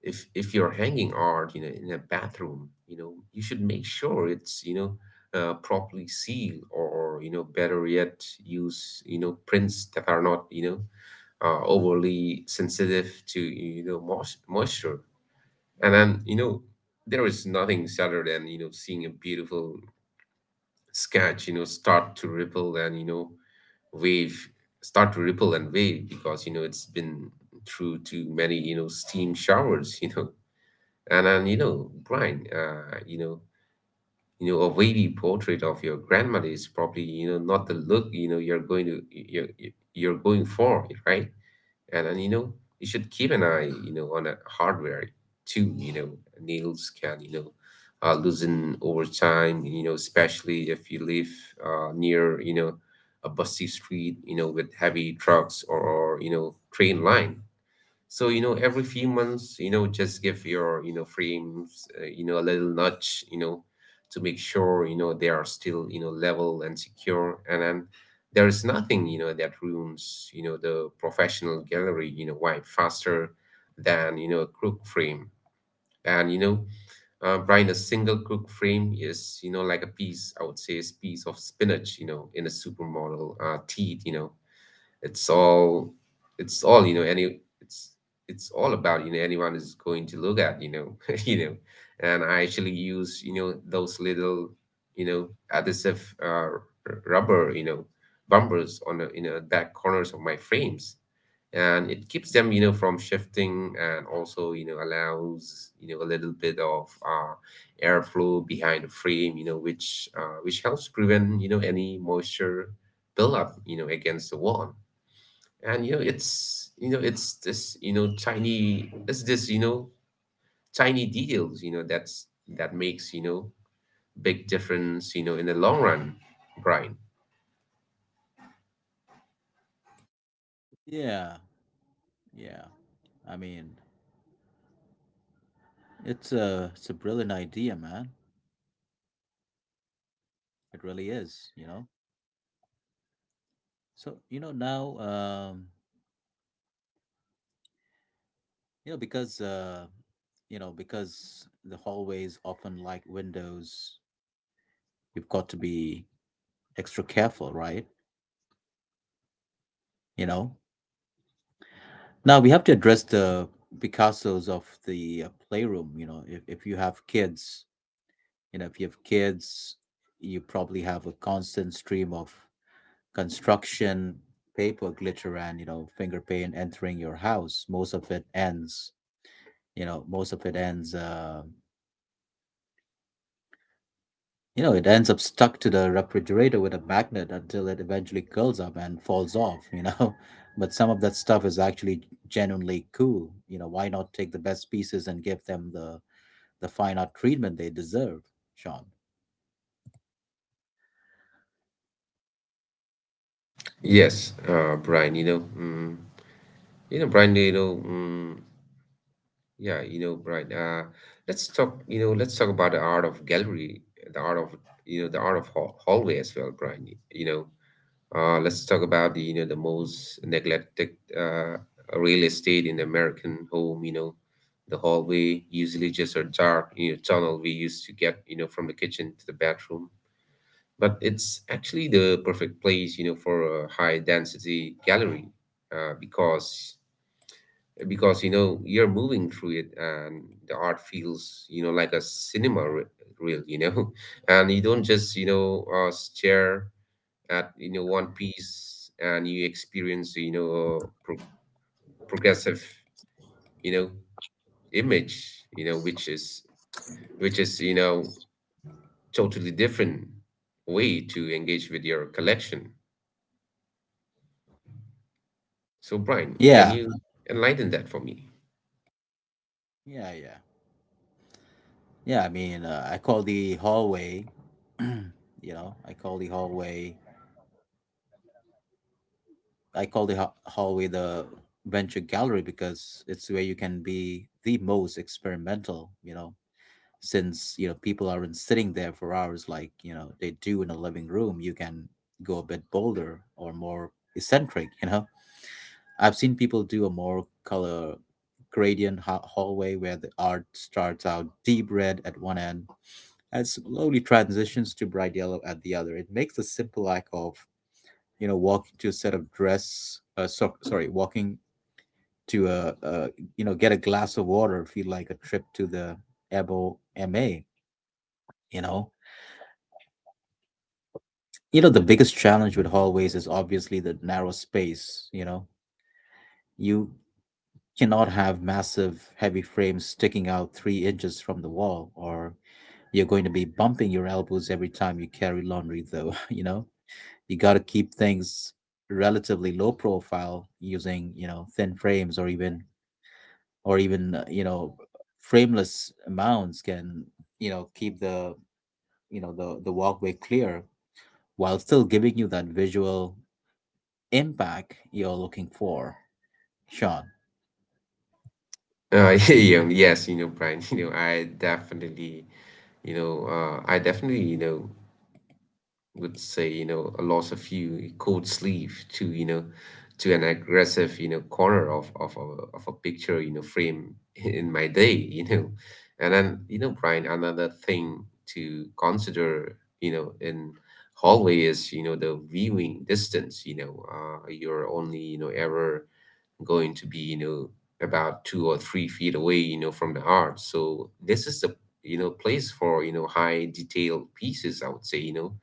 S2: if if you're hanging art, you know, in a bathroom, you know, you should make sure it's, you know uh, properly sealed, or, you know, better yet, use, you know prints that are not, you know uh, overly sensitive to, you know mois- moisture. And then you know, there is nothing sadder than, you know seeing a beautiful sketch, you know start to ripple and you know wave start to ripple and wave because, you know it's been through too many, you know steam showers *laughs* you know and and you know Brian uh you know you know a wavy portrait of your grandmother is probably, you know not the look, you know you're going to you're you're going for, right? and and you know You should keep an eye, you know on the hardware too. You know nails can, you know uh, loosen over time, you know especially if you live uh, near, you know a busy street you know with heavy trucks, or, or you know train line. So, you know, every few months, you know, just give your, you know, frames, uh, you know, a little nudge, you know, to make sure, you know, they are still, you know, level and secure. And then there is nothing, you know, that ruins, you know, the professional gallery, you know, wipe faster than, you know, a crook frame. And, you know, uh, Brian, a single crook frame is, you know, like a piece, I would say, is piece of spinach, you know, in a supermodel uh, teeth. You know it's all, it's all, you know, any, it's, it's all about, you know, anyone is going to look at, you know, *laughs* you know, and I actually use, you know, those little, you know, adhesive, uh, r- rubber, you know, bumpers on the, you know, back corners of my frames. And it keeps them, you know, from shifting and also, you know, allows, you know, a little bit of, uh, airflow behind the frame, you know, which uh, which helps prevent you know any moisture buildup, you know, against the wall. And you know it's, you know it's this, you know tiny, it's this, you know tiny details you know that's that makes, you know big difference, you know in the long run, Brian.
S1: Yeah. Yeah, I mean, it's a it's a brilliant idea, man. It really is, you know. So you know now um You know, because uh, you know, because the hallways often like windows, you've got to be extra careful, right? You know. Now we have to address the Picasso's of the uh, playroom. You know, if if you have kids, you know, if you have kids, you probably have a constant stream of construction paper glitter and you know, finger paint entering your house. Most of it ends, you know, most of it ends. Uh, You know, it ends up stuck to the refrigerator with a magnet until it eventually curls up and falls off, you know. *laughs* But some of that stuff is actually genuinely cool. You know, why not take the best pieces and give them the the fine art treatment they deserve, Sean?
S2: Yes, uh Brian, you know mm, you know Brian, you know mm, yeah, you know Brian, uh let's talk, you know let's talk about the art of gallery, the art of, you know the art of hall- hallway as well, Brian. you know Uh, let's talk about the you know the most neglected uh, real estate in the American home. You know, the hallway usually just a dark, you know tunnel we used to get, you know from the kitchen to the bedroom. But it's actually the perfect place, you know for a high density gallery, uh, because because you know you're moving through it and the art feels, you know like a cinema re- reel, you know *laughs* and you don't just, you know uh, stare at, you know one piece, and you experience, you know a pro- progressive, you know image, you know which is, which is you know totally different way to engage with your collection. So Brian, can
S1: Yeah.
S2: you enlighten that for me?
S1: Yeah, yeah. Yeah, I mean, uh, I call the hallway, *clears throat* you know, I call the hallway I call the ha- hallway the venture gallery because it's where you can be the most experimental, you know, since, you know, people aren't sitting there for hours like, you know, they do in a living room. You can go a bit bolder or more eccentric, you know. I've seen people do a more color gradient ha- hallway where the art starts out deep red at one end and slowly transitions to bright yellow at the other. It makes a simple act of you know, walking to a set of dress, uh, so, sorry, walking to a, a, you know, get a glass of water feel like a trip to the E B O M A, you know? You know, the biggest challenge with hallways is obviously the narrow space, you know? You cannot have massive, heavy frames sticking out three inches from the wall, or you're going to be bumping your elbows every time you carry laundry, though, *laughs* you know? You got to keep things relatively low profile using, you know, thin frames or even or even uh, you know frameless mounds can you know keep the you know the the walkway clear while still giving you that visual impact you're looking for, Sean.
S2: uh, *laughs* yeah, yes, you know Brian, *laughs* you know i definitely you know uh, I definitely, you know would say, you know, a loss of you cold sleeve to, you know, to an aggressive, you know, corner of of a, of a picture, you know, frame *laughs* in my day. You know, and then, you know, Brian, another thing to consider, you know, in hallway is, you know the viewing distance. You know, uh, you're only, you know ever going to be, you know about two or three feet away, you know, from the art. So this is the, you know place for, you know high detailed pieces. I would say, you know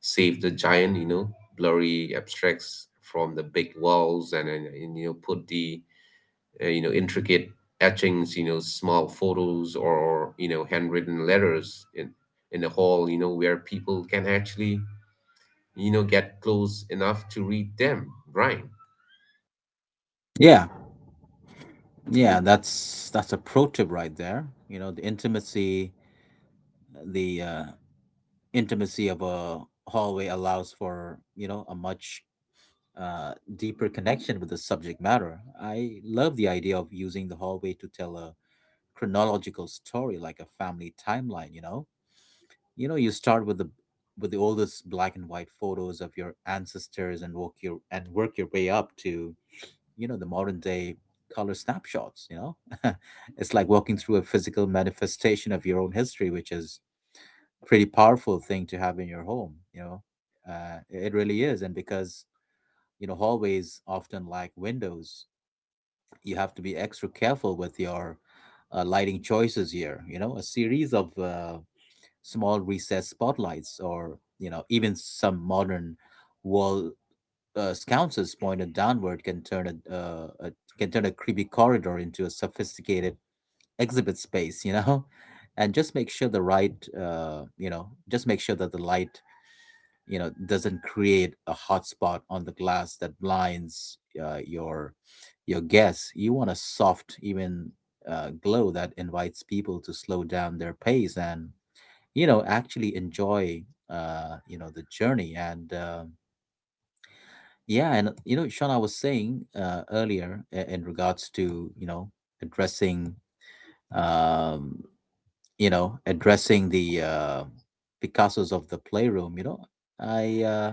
S2: save the giant, you know, blurry abstracts from the big walls, and, and, and, you know, put the uh, you know intricate etchings, you know, small photos, or you know handwritten letters in in the hall, you know, where people can actually, you know get close enough to read them, right?
S1: Yeah, yeah, that's that's a pro tip right there. You know, the intimacy, the uh, intimacy of a hallway allows for, you know, a much uh, deeper connection with the subject matter. I love the idea of using the hallway to tell a chronological story, like a family timeline. You know, you know, you start with the with the oldest black and white photos of your ancestors and work your and work your way up to, you know, the modern day color snapshots. You know, *laughs* it's like walking through a physical manifestation of your own history, which is a pretty powerful thing to have in your home. You know, uh, it really is, and because, you know, hallways often lack windows, you have to be extra careful with your uh, lighting choices here. You know, a series of uh, small recessed spotlights or, you know, even some modern wall uh, sconces pointed downward can turn a, uh, a can turn a creepy corridor into a sophisticated exhibit space, you know. *laughs* And just make sure the right uh, you know just make sure that the light, you know, doesn't create a hot spot on the glass that blinds uh, your your guests. You want a soft, even uh, glow that invites people to slow down their pace and, you know, actually enjoy, uh, you know the journey. And um yeah, and, you know, Sean, I was saying, uh, earlier, i- in regards to, you know, addressing, um you know, addressing the uh Picassos of the playroom, you know, I uh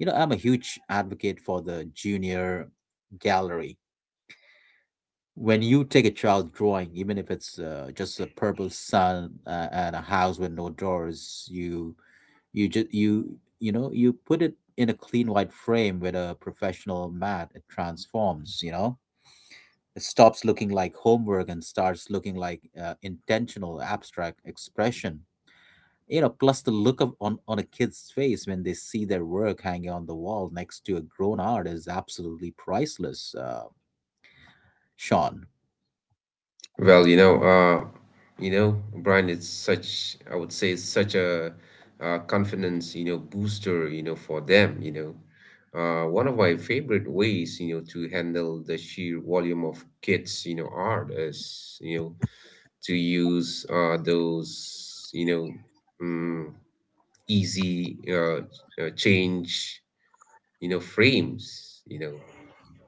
S1: you know, I'm a huge advocate for the junior gallery. When you take a child drawing, even if it's uh, just a purple sun uh, and a house with no doors, you you just you you know you put it in a clean white frame with a professional mat. It transforms. You know, it stops looking like homework and starts looking like uh, intentional abstract expression, you know. Plus, the look of on, on a kid's face when they see their work hanging on the wall next to a grown art is absolutely priceless. Uh, sean.
S2: Well, you know, uh, you know, Brian, it's such, I would say, it's such a uh confidence, you know, booster, you know, for them. you know. Uh, one of my favorite ways, you know, to handle the sheer volume of kids, you know, art is, you know, to use uh, those, you know, um, easy uh, uh, change, you know, frames. you know.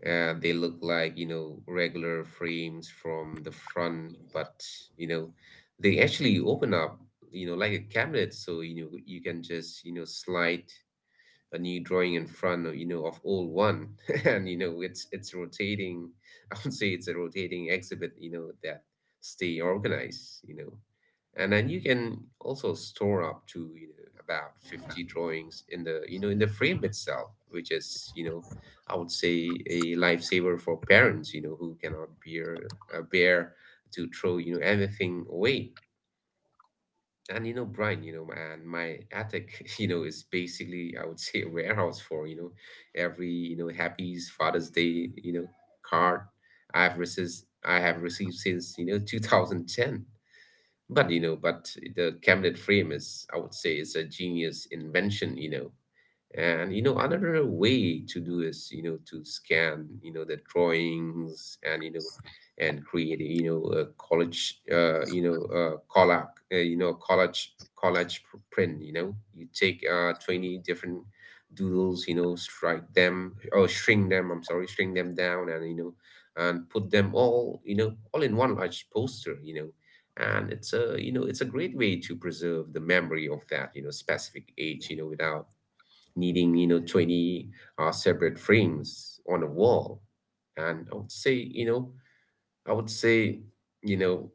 S2: Uh, they look like, you know, regular frames from the front, but, you know, they actually open up, you know, like a cabinet. So, you know, you can just, you know, slide a new drawing in front of, you know of old one *laughs* and, you know it's, it's rotating. *laughs* I would say it's a rotating exhibit, you know that stay organized. You know and then you can also store up to, you know about fifty drawings in the, you know in the frame itself, which is, you know I would say a lifesaver for parents, you know who cannot bear uh, bear to throw, you know everything away. And, you know Brian, you know and my attic *laughs* you know is basically, I would say, a warehouse for, you know every, you know happy's Father's Day, you know card I've received I have received since, you know two thousand ten. But, you know but the cabinet frame is, I would say, is a genius invention. You know and, you know, another way to do is, you know to scan, you know the drawings, and, you know and create, you know a college, uh, you know uh, collage, uh, you know college collage pr- print. You know, you take uh, twenty different doodles. You know, strike them or shrink them. I'm sorry, shrink them down, and, you know and put them all, you know all in one large poster. You know. And it's a, you know it's a great way to preserve the memory of that, you know specific age, you know without needing, you know twenty uh, separate frames on a wall. And I would say you know I would say you know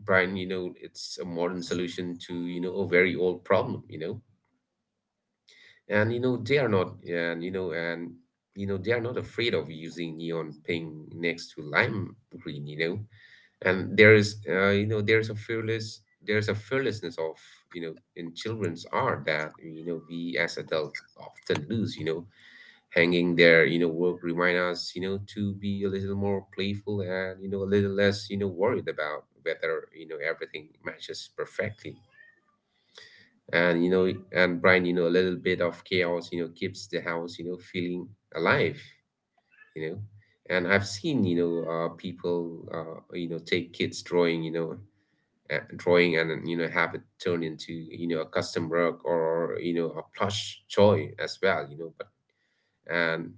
S2: Brian, you know it's a modern solution to, you know a very old problem. You know and, you know they are not and you know and you know, they are not afraid of using neon pink next to lime green. You know and there is uh, you know there's a fearless there's a fearlessness of, you know in children's art, that, you know we as adults often lose. You know hanging there, you know work remind us, you know to be a little more playful, and, you know a little less, you know worried about whether, you know everything matches perfectly. And, you know and Brian, you know a little bit of chaos, you know keeps the house, you know feeling alive. you know and I've seen, you know uh, people, uh, you know take kids drawing, you know uh, drawing, and, you know have it turn into, you know a custom rug, or, you know a plush toy as well. You know but and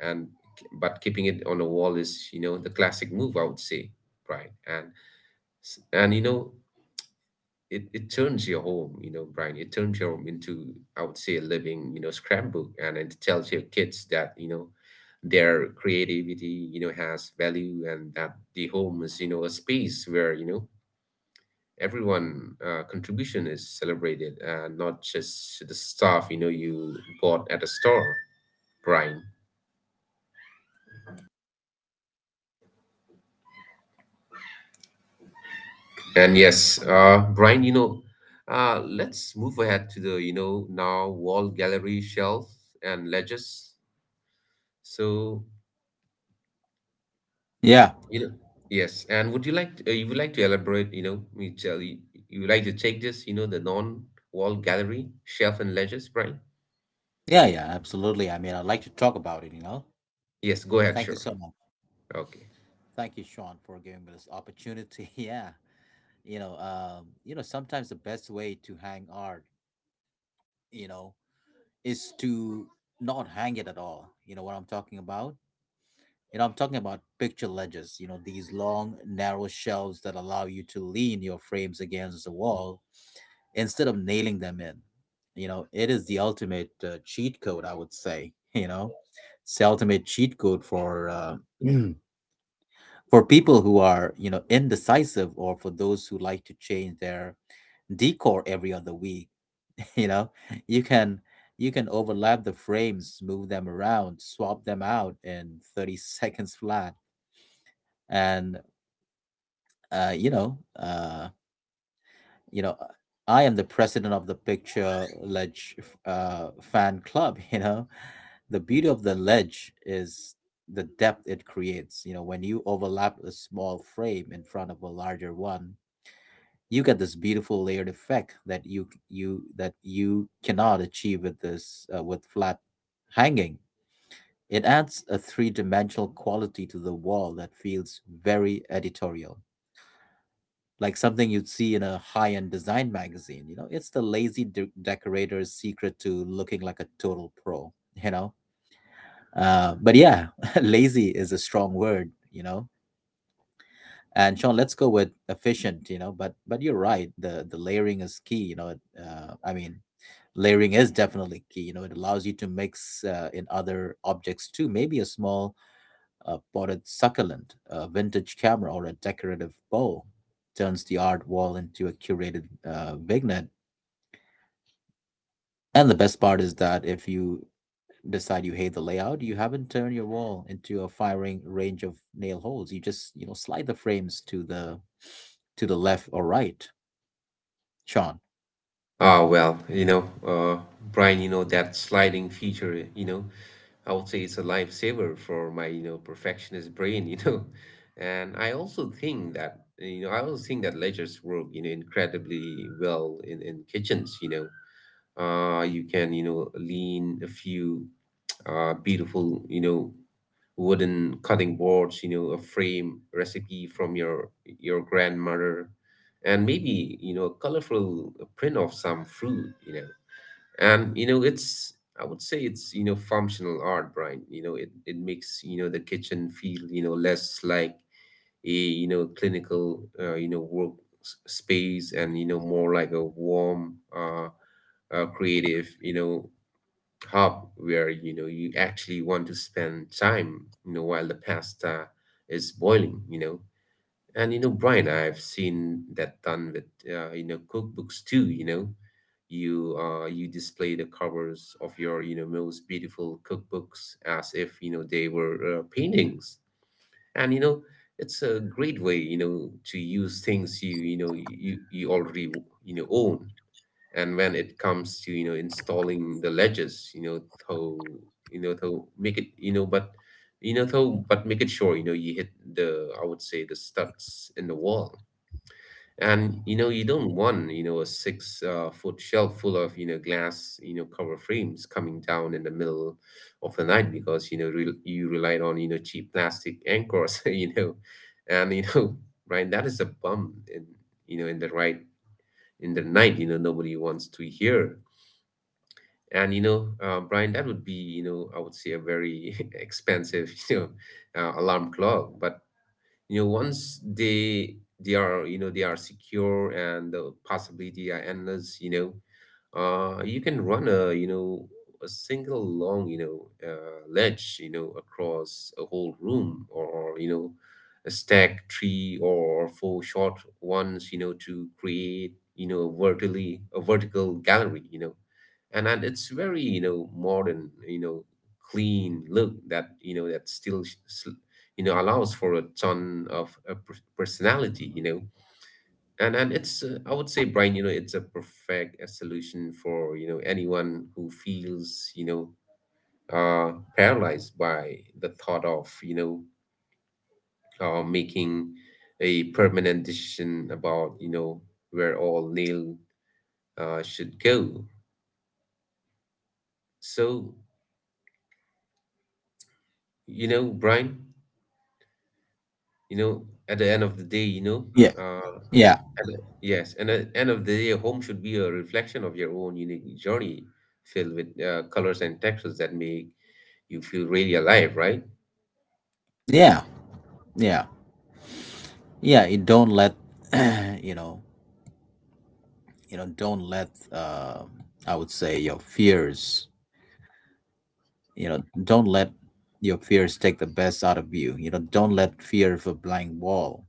S2: and But keeping it on the wall is, you know the classic move, I would say, Brian. And s- and you know it, it turns your home, you know Brian, it turns your home into, I would say, a living, you know scrapbook, and it tells your kids that, you know their creativity, you know has value, and that the home is, you know a space where, you know everyone uh, contribution is celebrated, and not just the stuff, you know you bought at a store, Brian. And yes, uh, Brian, you know, uh, let's move ahead to the, you know, now wall gallery shelf and ledges. So,
S1: Yeah,
S2: you know, yes. And would you like to, uh, you would like to elaborate, you know, me tell you, you would like to take this, you know, the non-wall gallery shelf and ledges, Brian?
S1: yeah, yeah, absolutely. I mean, I'd like to talk about it, you know.
S2: Yes, go ahead,
S1: Thank you
S2: sure.
S1: so much.
S2: Okay.
S1: Thank you, Sean, for giving me this opportunity. *laughs* Yeah, you know, um, you know, sometimes the best way to hang art, you know, is to not hang it at all. You know what I'm talking about. You know, I'm talking about picture ledges, you know, these long, narrow shelves that allow you to lean your frames against the wall instead of nailing them in. You know, it is the ultimate uh, cheat code, I would say, *laughs* you know. It's the ultimate cheat code for uh, *clears throat* for people who are, you know, indecisive, or for those who like to change their decor every other week, *laughs* you know. You can you can overlap the frames, move them around, swap them out in thirty *laughs* seconds flat. And uh, you know, uh, you know, uh, I am the president of the picture ledge uh, fan club. *laughs* You know, the beauty of the ledge is the depth it creates. You know, when you overlap a small frame in front of a larger one, you get this beautiful layered effect that you you that you cannot achieve with this uh, with flat hanging. It adds a three dimensional quality to the wall that feels very editorial, like something you'd see in a high-end design magazine. You know, it's the lazy de- decorator's secret to looking like a total pro. You know, uh, but yeah, *laughs* lazy is a strong word. You know, and Sean, let's go with efficient. You know, but but you're right. The the layering is key. You know, it, uh, I mean, layering is definitely key. You know, it allows you to mix uh, in other objects too. Maybe a small uh, but a succulent, a vintage camera, or a decorative bow turns the art wall into a curated uh, vignette. And the best part is that if you decide you hate the layout, you haven't turned your wall into a firing range of nail holes. You just, you know, slide the frames to the to the left or right, Sean.
S2: Ah, well, you know, uh, Brian, you know, that sliding feature, you know, I would say it's a lifesaver for my, you know, perfectionist brain. *laughs* you know. And I also think that, you know, I also think that ledgers work, you know, incredibly well in, in kitchens. you know. Uh, you can, you know, lean a few *tsk* uh, beautiful, you know, wooden cutting boards, you know, a frame recipe from your your grandmother, and maybe, you know a colorful print of some fruit. you know. And, you know, it's, I would say, it's, you know functional art, Brian. You know, it it makes, you know the kitchen feel, you know less like a, you know clinical, uh, you know work s- space, and, you know more like a warm, uh, uh creative, you know hub, where, you know you actually want to spend time, you know while the pasta is boiling. You know and, you know Brian, I've seen that done with, uh, you know cookbooks too. You know you uh you display the covers of your, you know most beautiful cookbooks as if, you know they were uh, paintings. And, you know it's a great way, you know to use things you, you know you you already, you know own. And when it comes to, you know installing the ledges, you know to you know to make it, you know but you know to but make it sure, you know you hit the, I would say, the studs in the wall. And, you know you don't want, you know a six uh, foot shelf full of, you know glass, you know cover frames coming down in the middle of the night, because, you know re- you relied on, you know cheap plastic anchors. *laughs* You know and, you know *laughs* right, that is a bum in, you know in the right, in the night, you know nobody wants to hear. And, you know, uh, Brian, that would be, you know, I would say, a very *laughs* expensive, you know, uh, alarm clock. But, you know, once they they are, you know, they are secure, and the possibility are endless, you know, uh, you can run a, you know a single long, you know uh, ledge, you know across a whole room, or, you know a stack three or four short ones, you know to create, you know a vertically a vertical gallery. You know and and it's very, you know modern, you know clean look that, you know that still s- s- you know allows for a ton of uh, per- personality. You know and and it's uh, I would say, Brian, you know it's a perfect uh, solution for, you know anyone who feels, you know uh paralyzed by the thought of, you know uh, making a permanent decision about, you know where all nail uh, should go. So, you know Brian, you know at the end of the day, you know
S1: Yeah,
S2: uh
S1: yeah,
S2: at the- yes, and at the end of the day, home should be a reflection of your own unique journey, filled with uh, colors and textures that make you feel really alive, right?
S1: yeah, yeah, yeah. You don't let *clears throat* you know you know don't let uh, I would say your fears, you know don't let your fears take the best out of you. You know, don't let fear of a blank wall,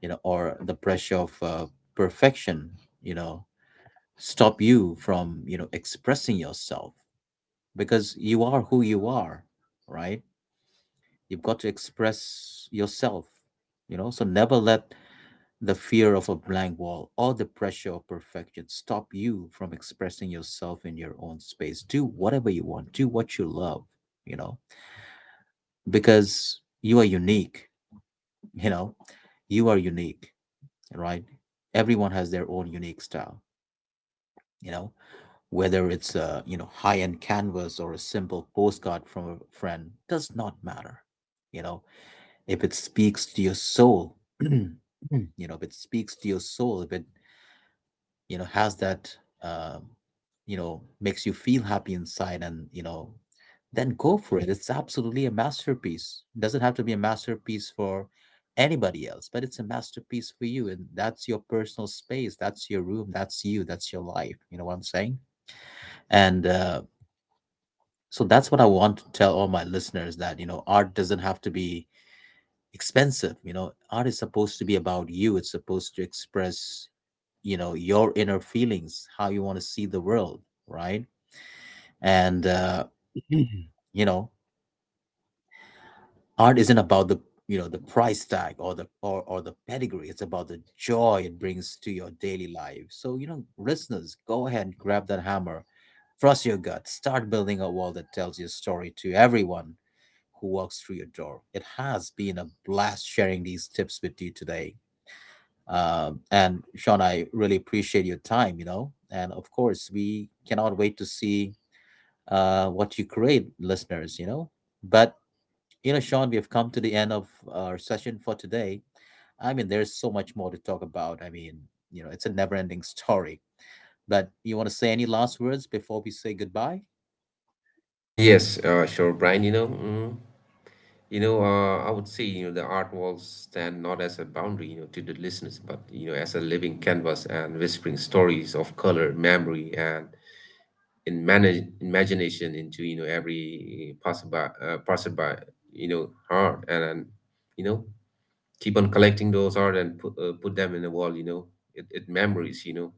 S1: you know, or the pressure of uh, perfection, you know, stop you from, you know, expressing yourself, because you are who you are, right? You've got to express yourself, you know. So never let the fear of a blank wall or the pressure of perfection stop you from expressing yourself in your own space. Do whatever you want, do what you love, you know, because you are unique. you know you are unique, right? Everyone has their own unique style, you know, whether it's a, you know, high end canvas or a simple postcard from a friend. Does not matter, you know. If it speaks to your soul *clears throat* you know, if it speaks to your soul, if it, you know, has that, um, you know, makes you feel happy inside, and, you know, then go for it. It's absolutely a masterpiece. Doesn't have to be a masterpiece for anybody else, but it's a masterpiece for you. And that's your personal space, that's your room, that's you, that's your life. You know what I'm saying? And uh, So that's what I want to tell all my listeners, that, you know, art doesn't have to be expensive. You know, art is supposed to be about you. It's supposed to express, you know, your inner feelings, how you want to see the world, right? And uh, *clears throat* you know, art isn't about the you know the price tag, or the or, or the pedigree. It's about the joy it brings to your daily life. So, you know, listeners, go ahead and grab that hammer, trust your gut, start building a wall that tells your story to everyone who walks through your door. It has been a blast sharing these tips with you today. Um, and Sean, I really appreciate your time, you know. And of course, we cannot wait to see uh, what you create, listeners, you know. But, you know, Sean, we have come to the end of our session for today. I mean, there's so much more to talk about. I mean, you know, it's a never ending *laughs* story. But you want to say any last words before we say goodbye?
S2: Yes, uh, sure, Brian. You know, mm, you know, uh, I would say, you know the art walls stand not as a boundary, you know, to the listeners, but, you know, as a living canvas, and whispering stories of color, memory, and in manage imagination into, you know every passerby, uh, passerby, you know, heart, and, and you know, keep on collecting those art, and put uh, put them in the wall. You know, it, it memories. You know,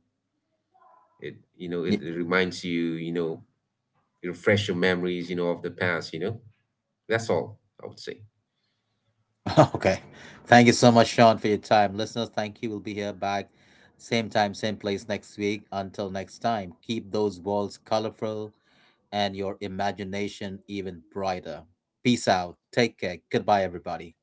S2: it, you know it
S1: Ye-
S2: reminds you. You know Refresh your memories, you know of the past. You know that's all I would say.
S1: *laughs* Okay. Thank you so much, Sean, for your time. Listeners, thank you. We'll be here back same time, same place next week. Until next time, keep those walls colorful and your imagination even brighter. Peace out. Take care. Goodbye, everybody.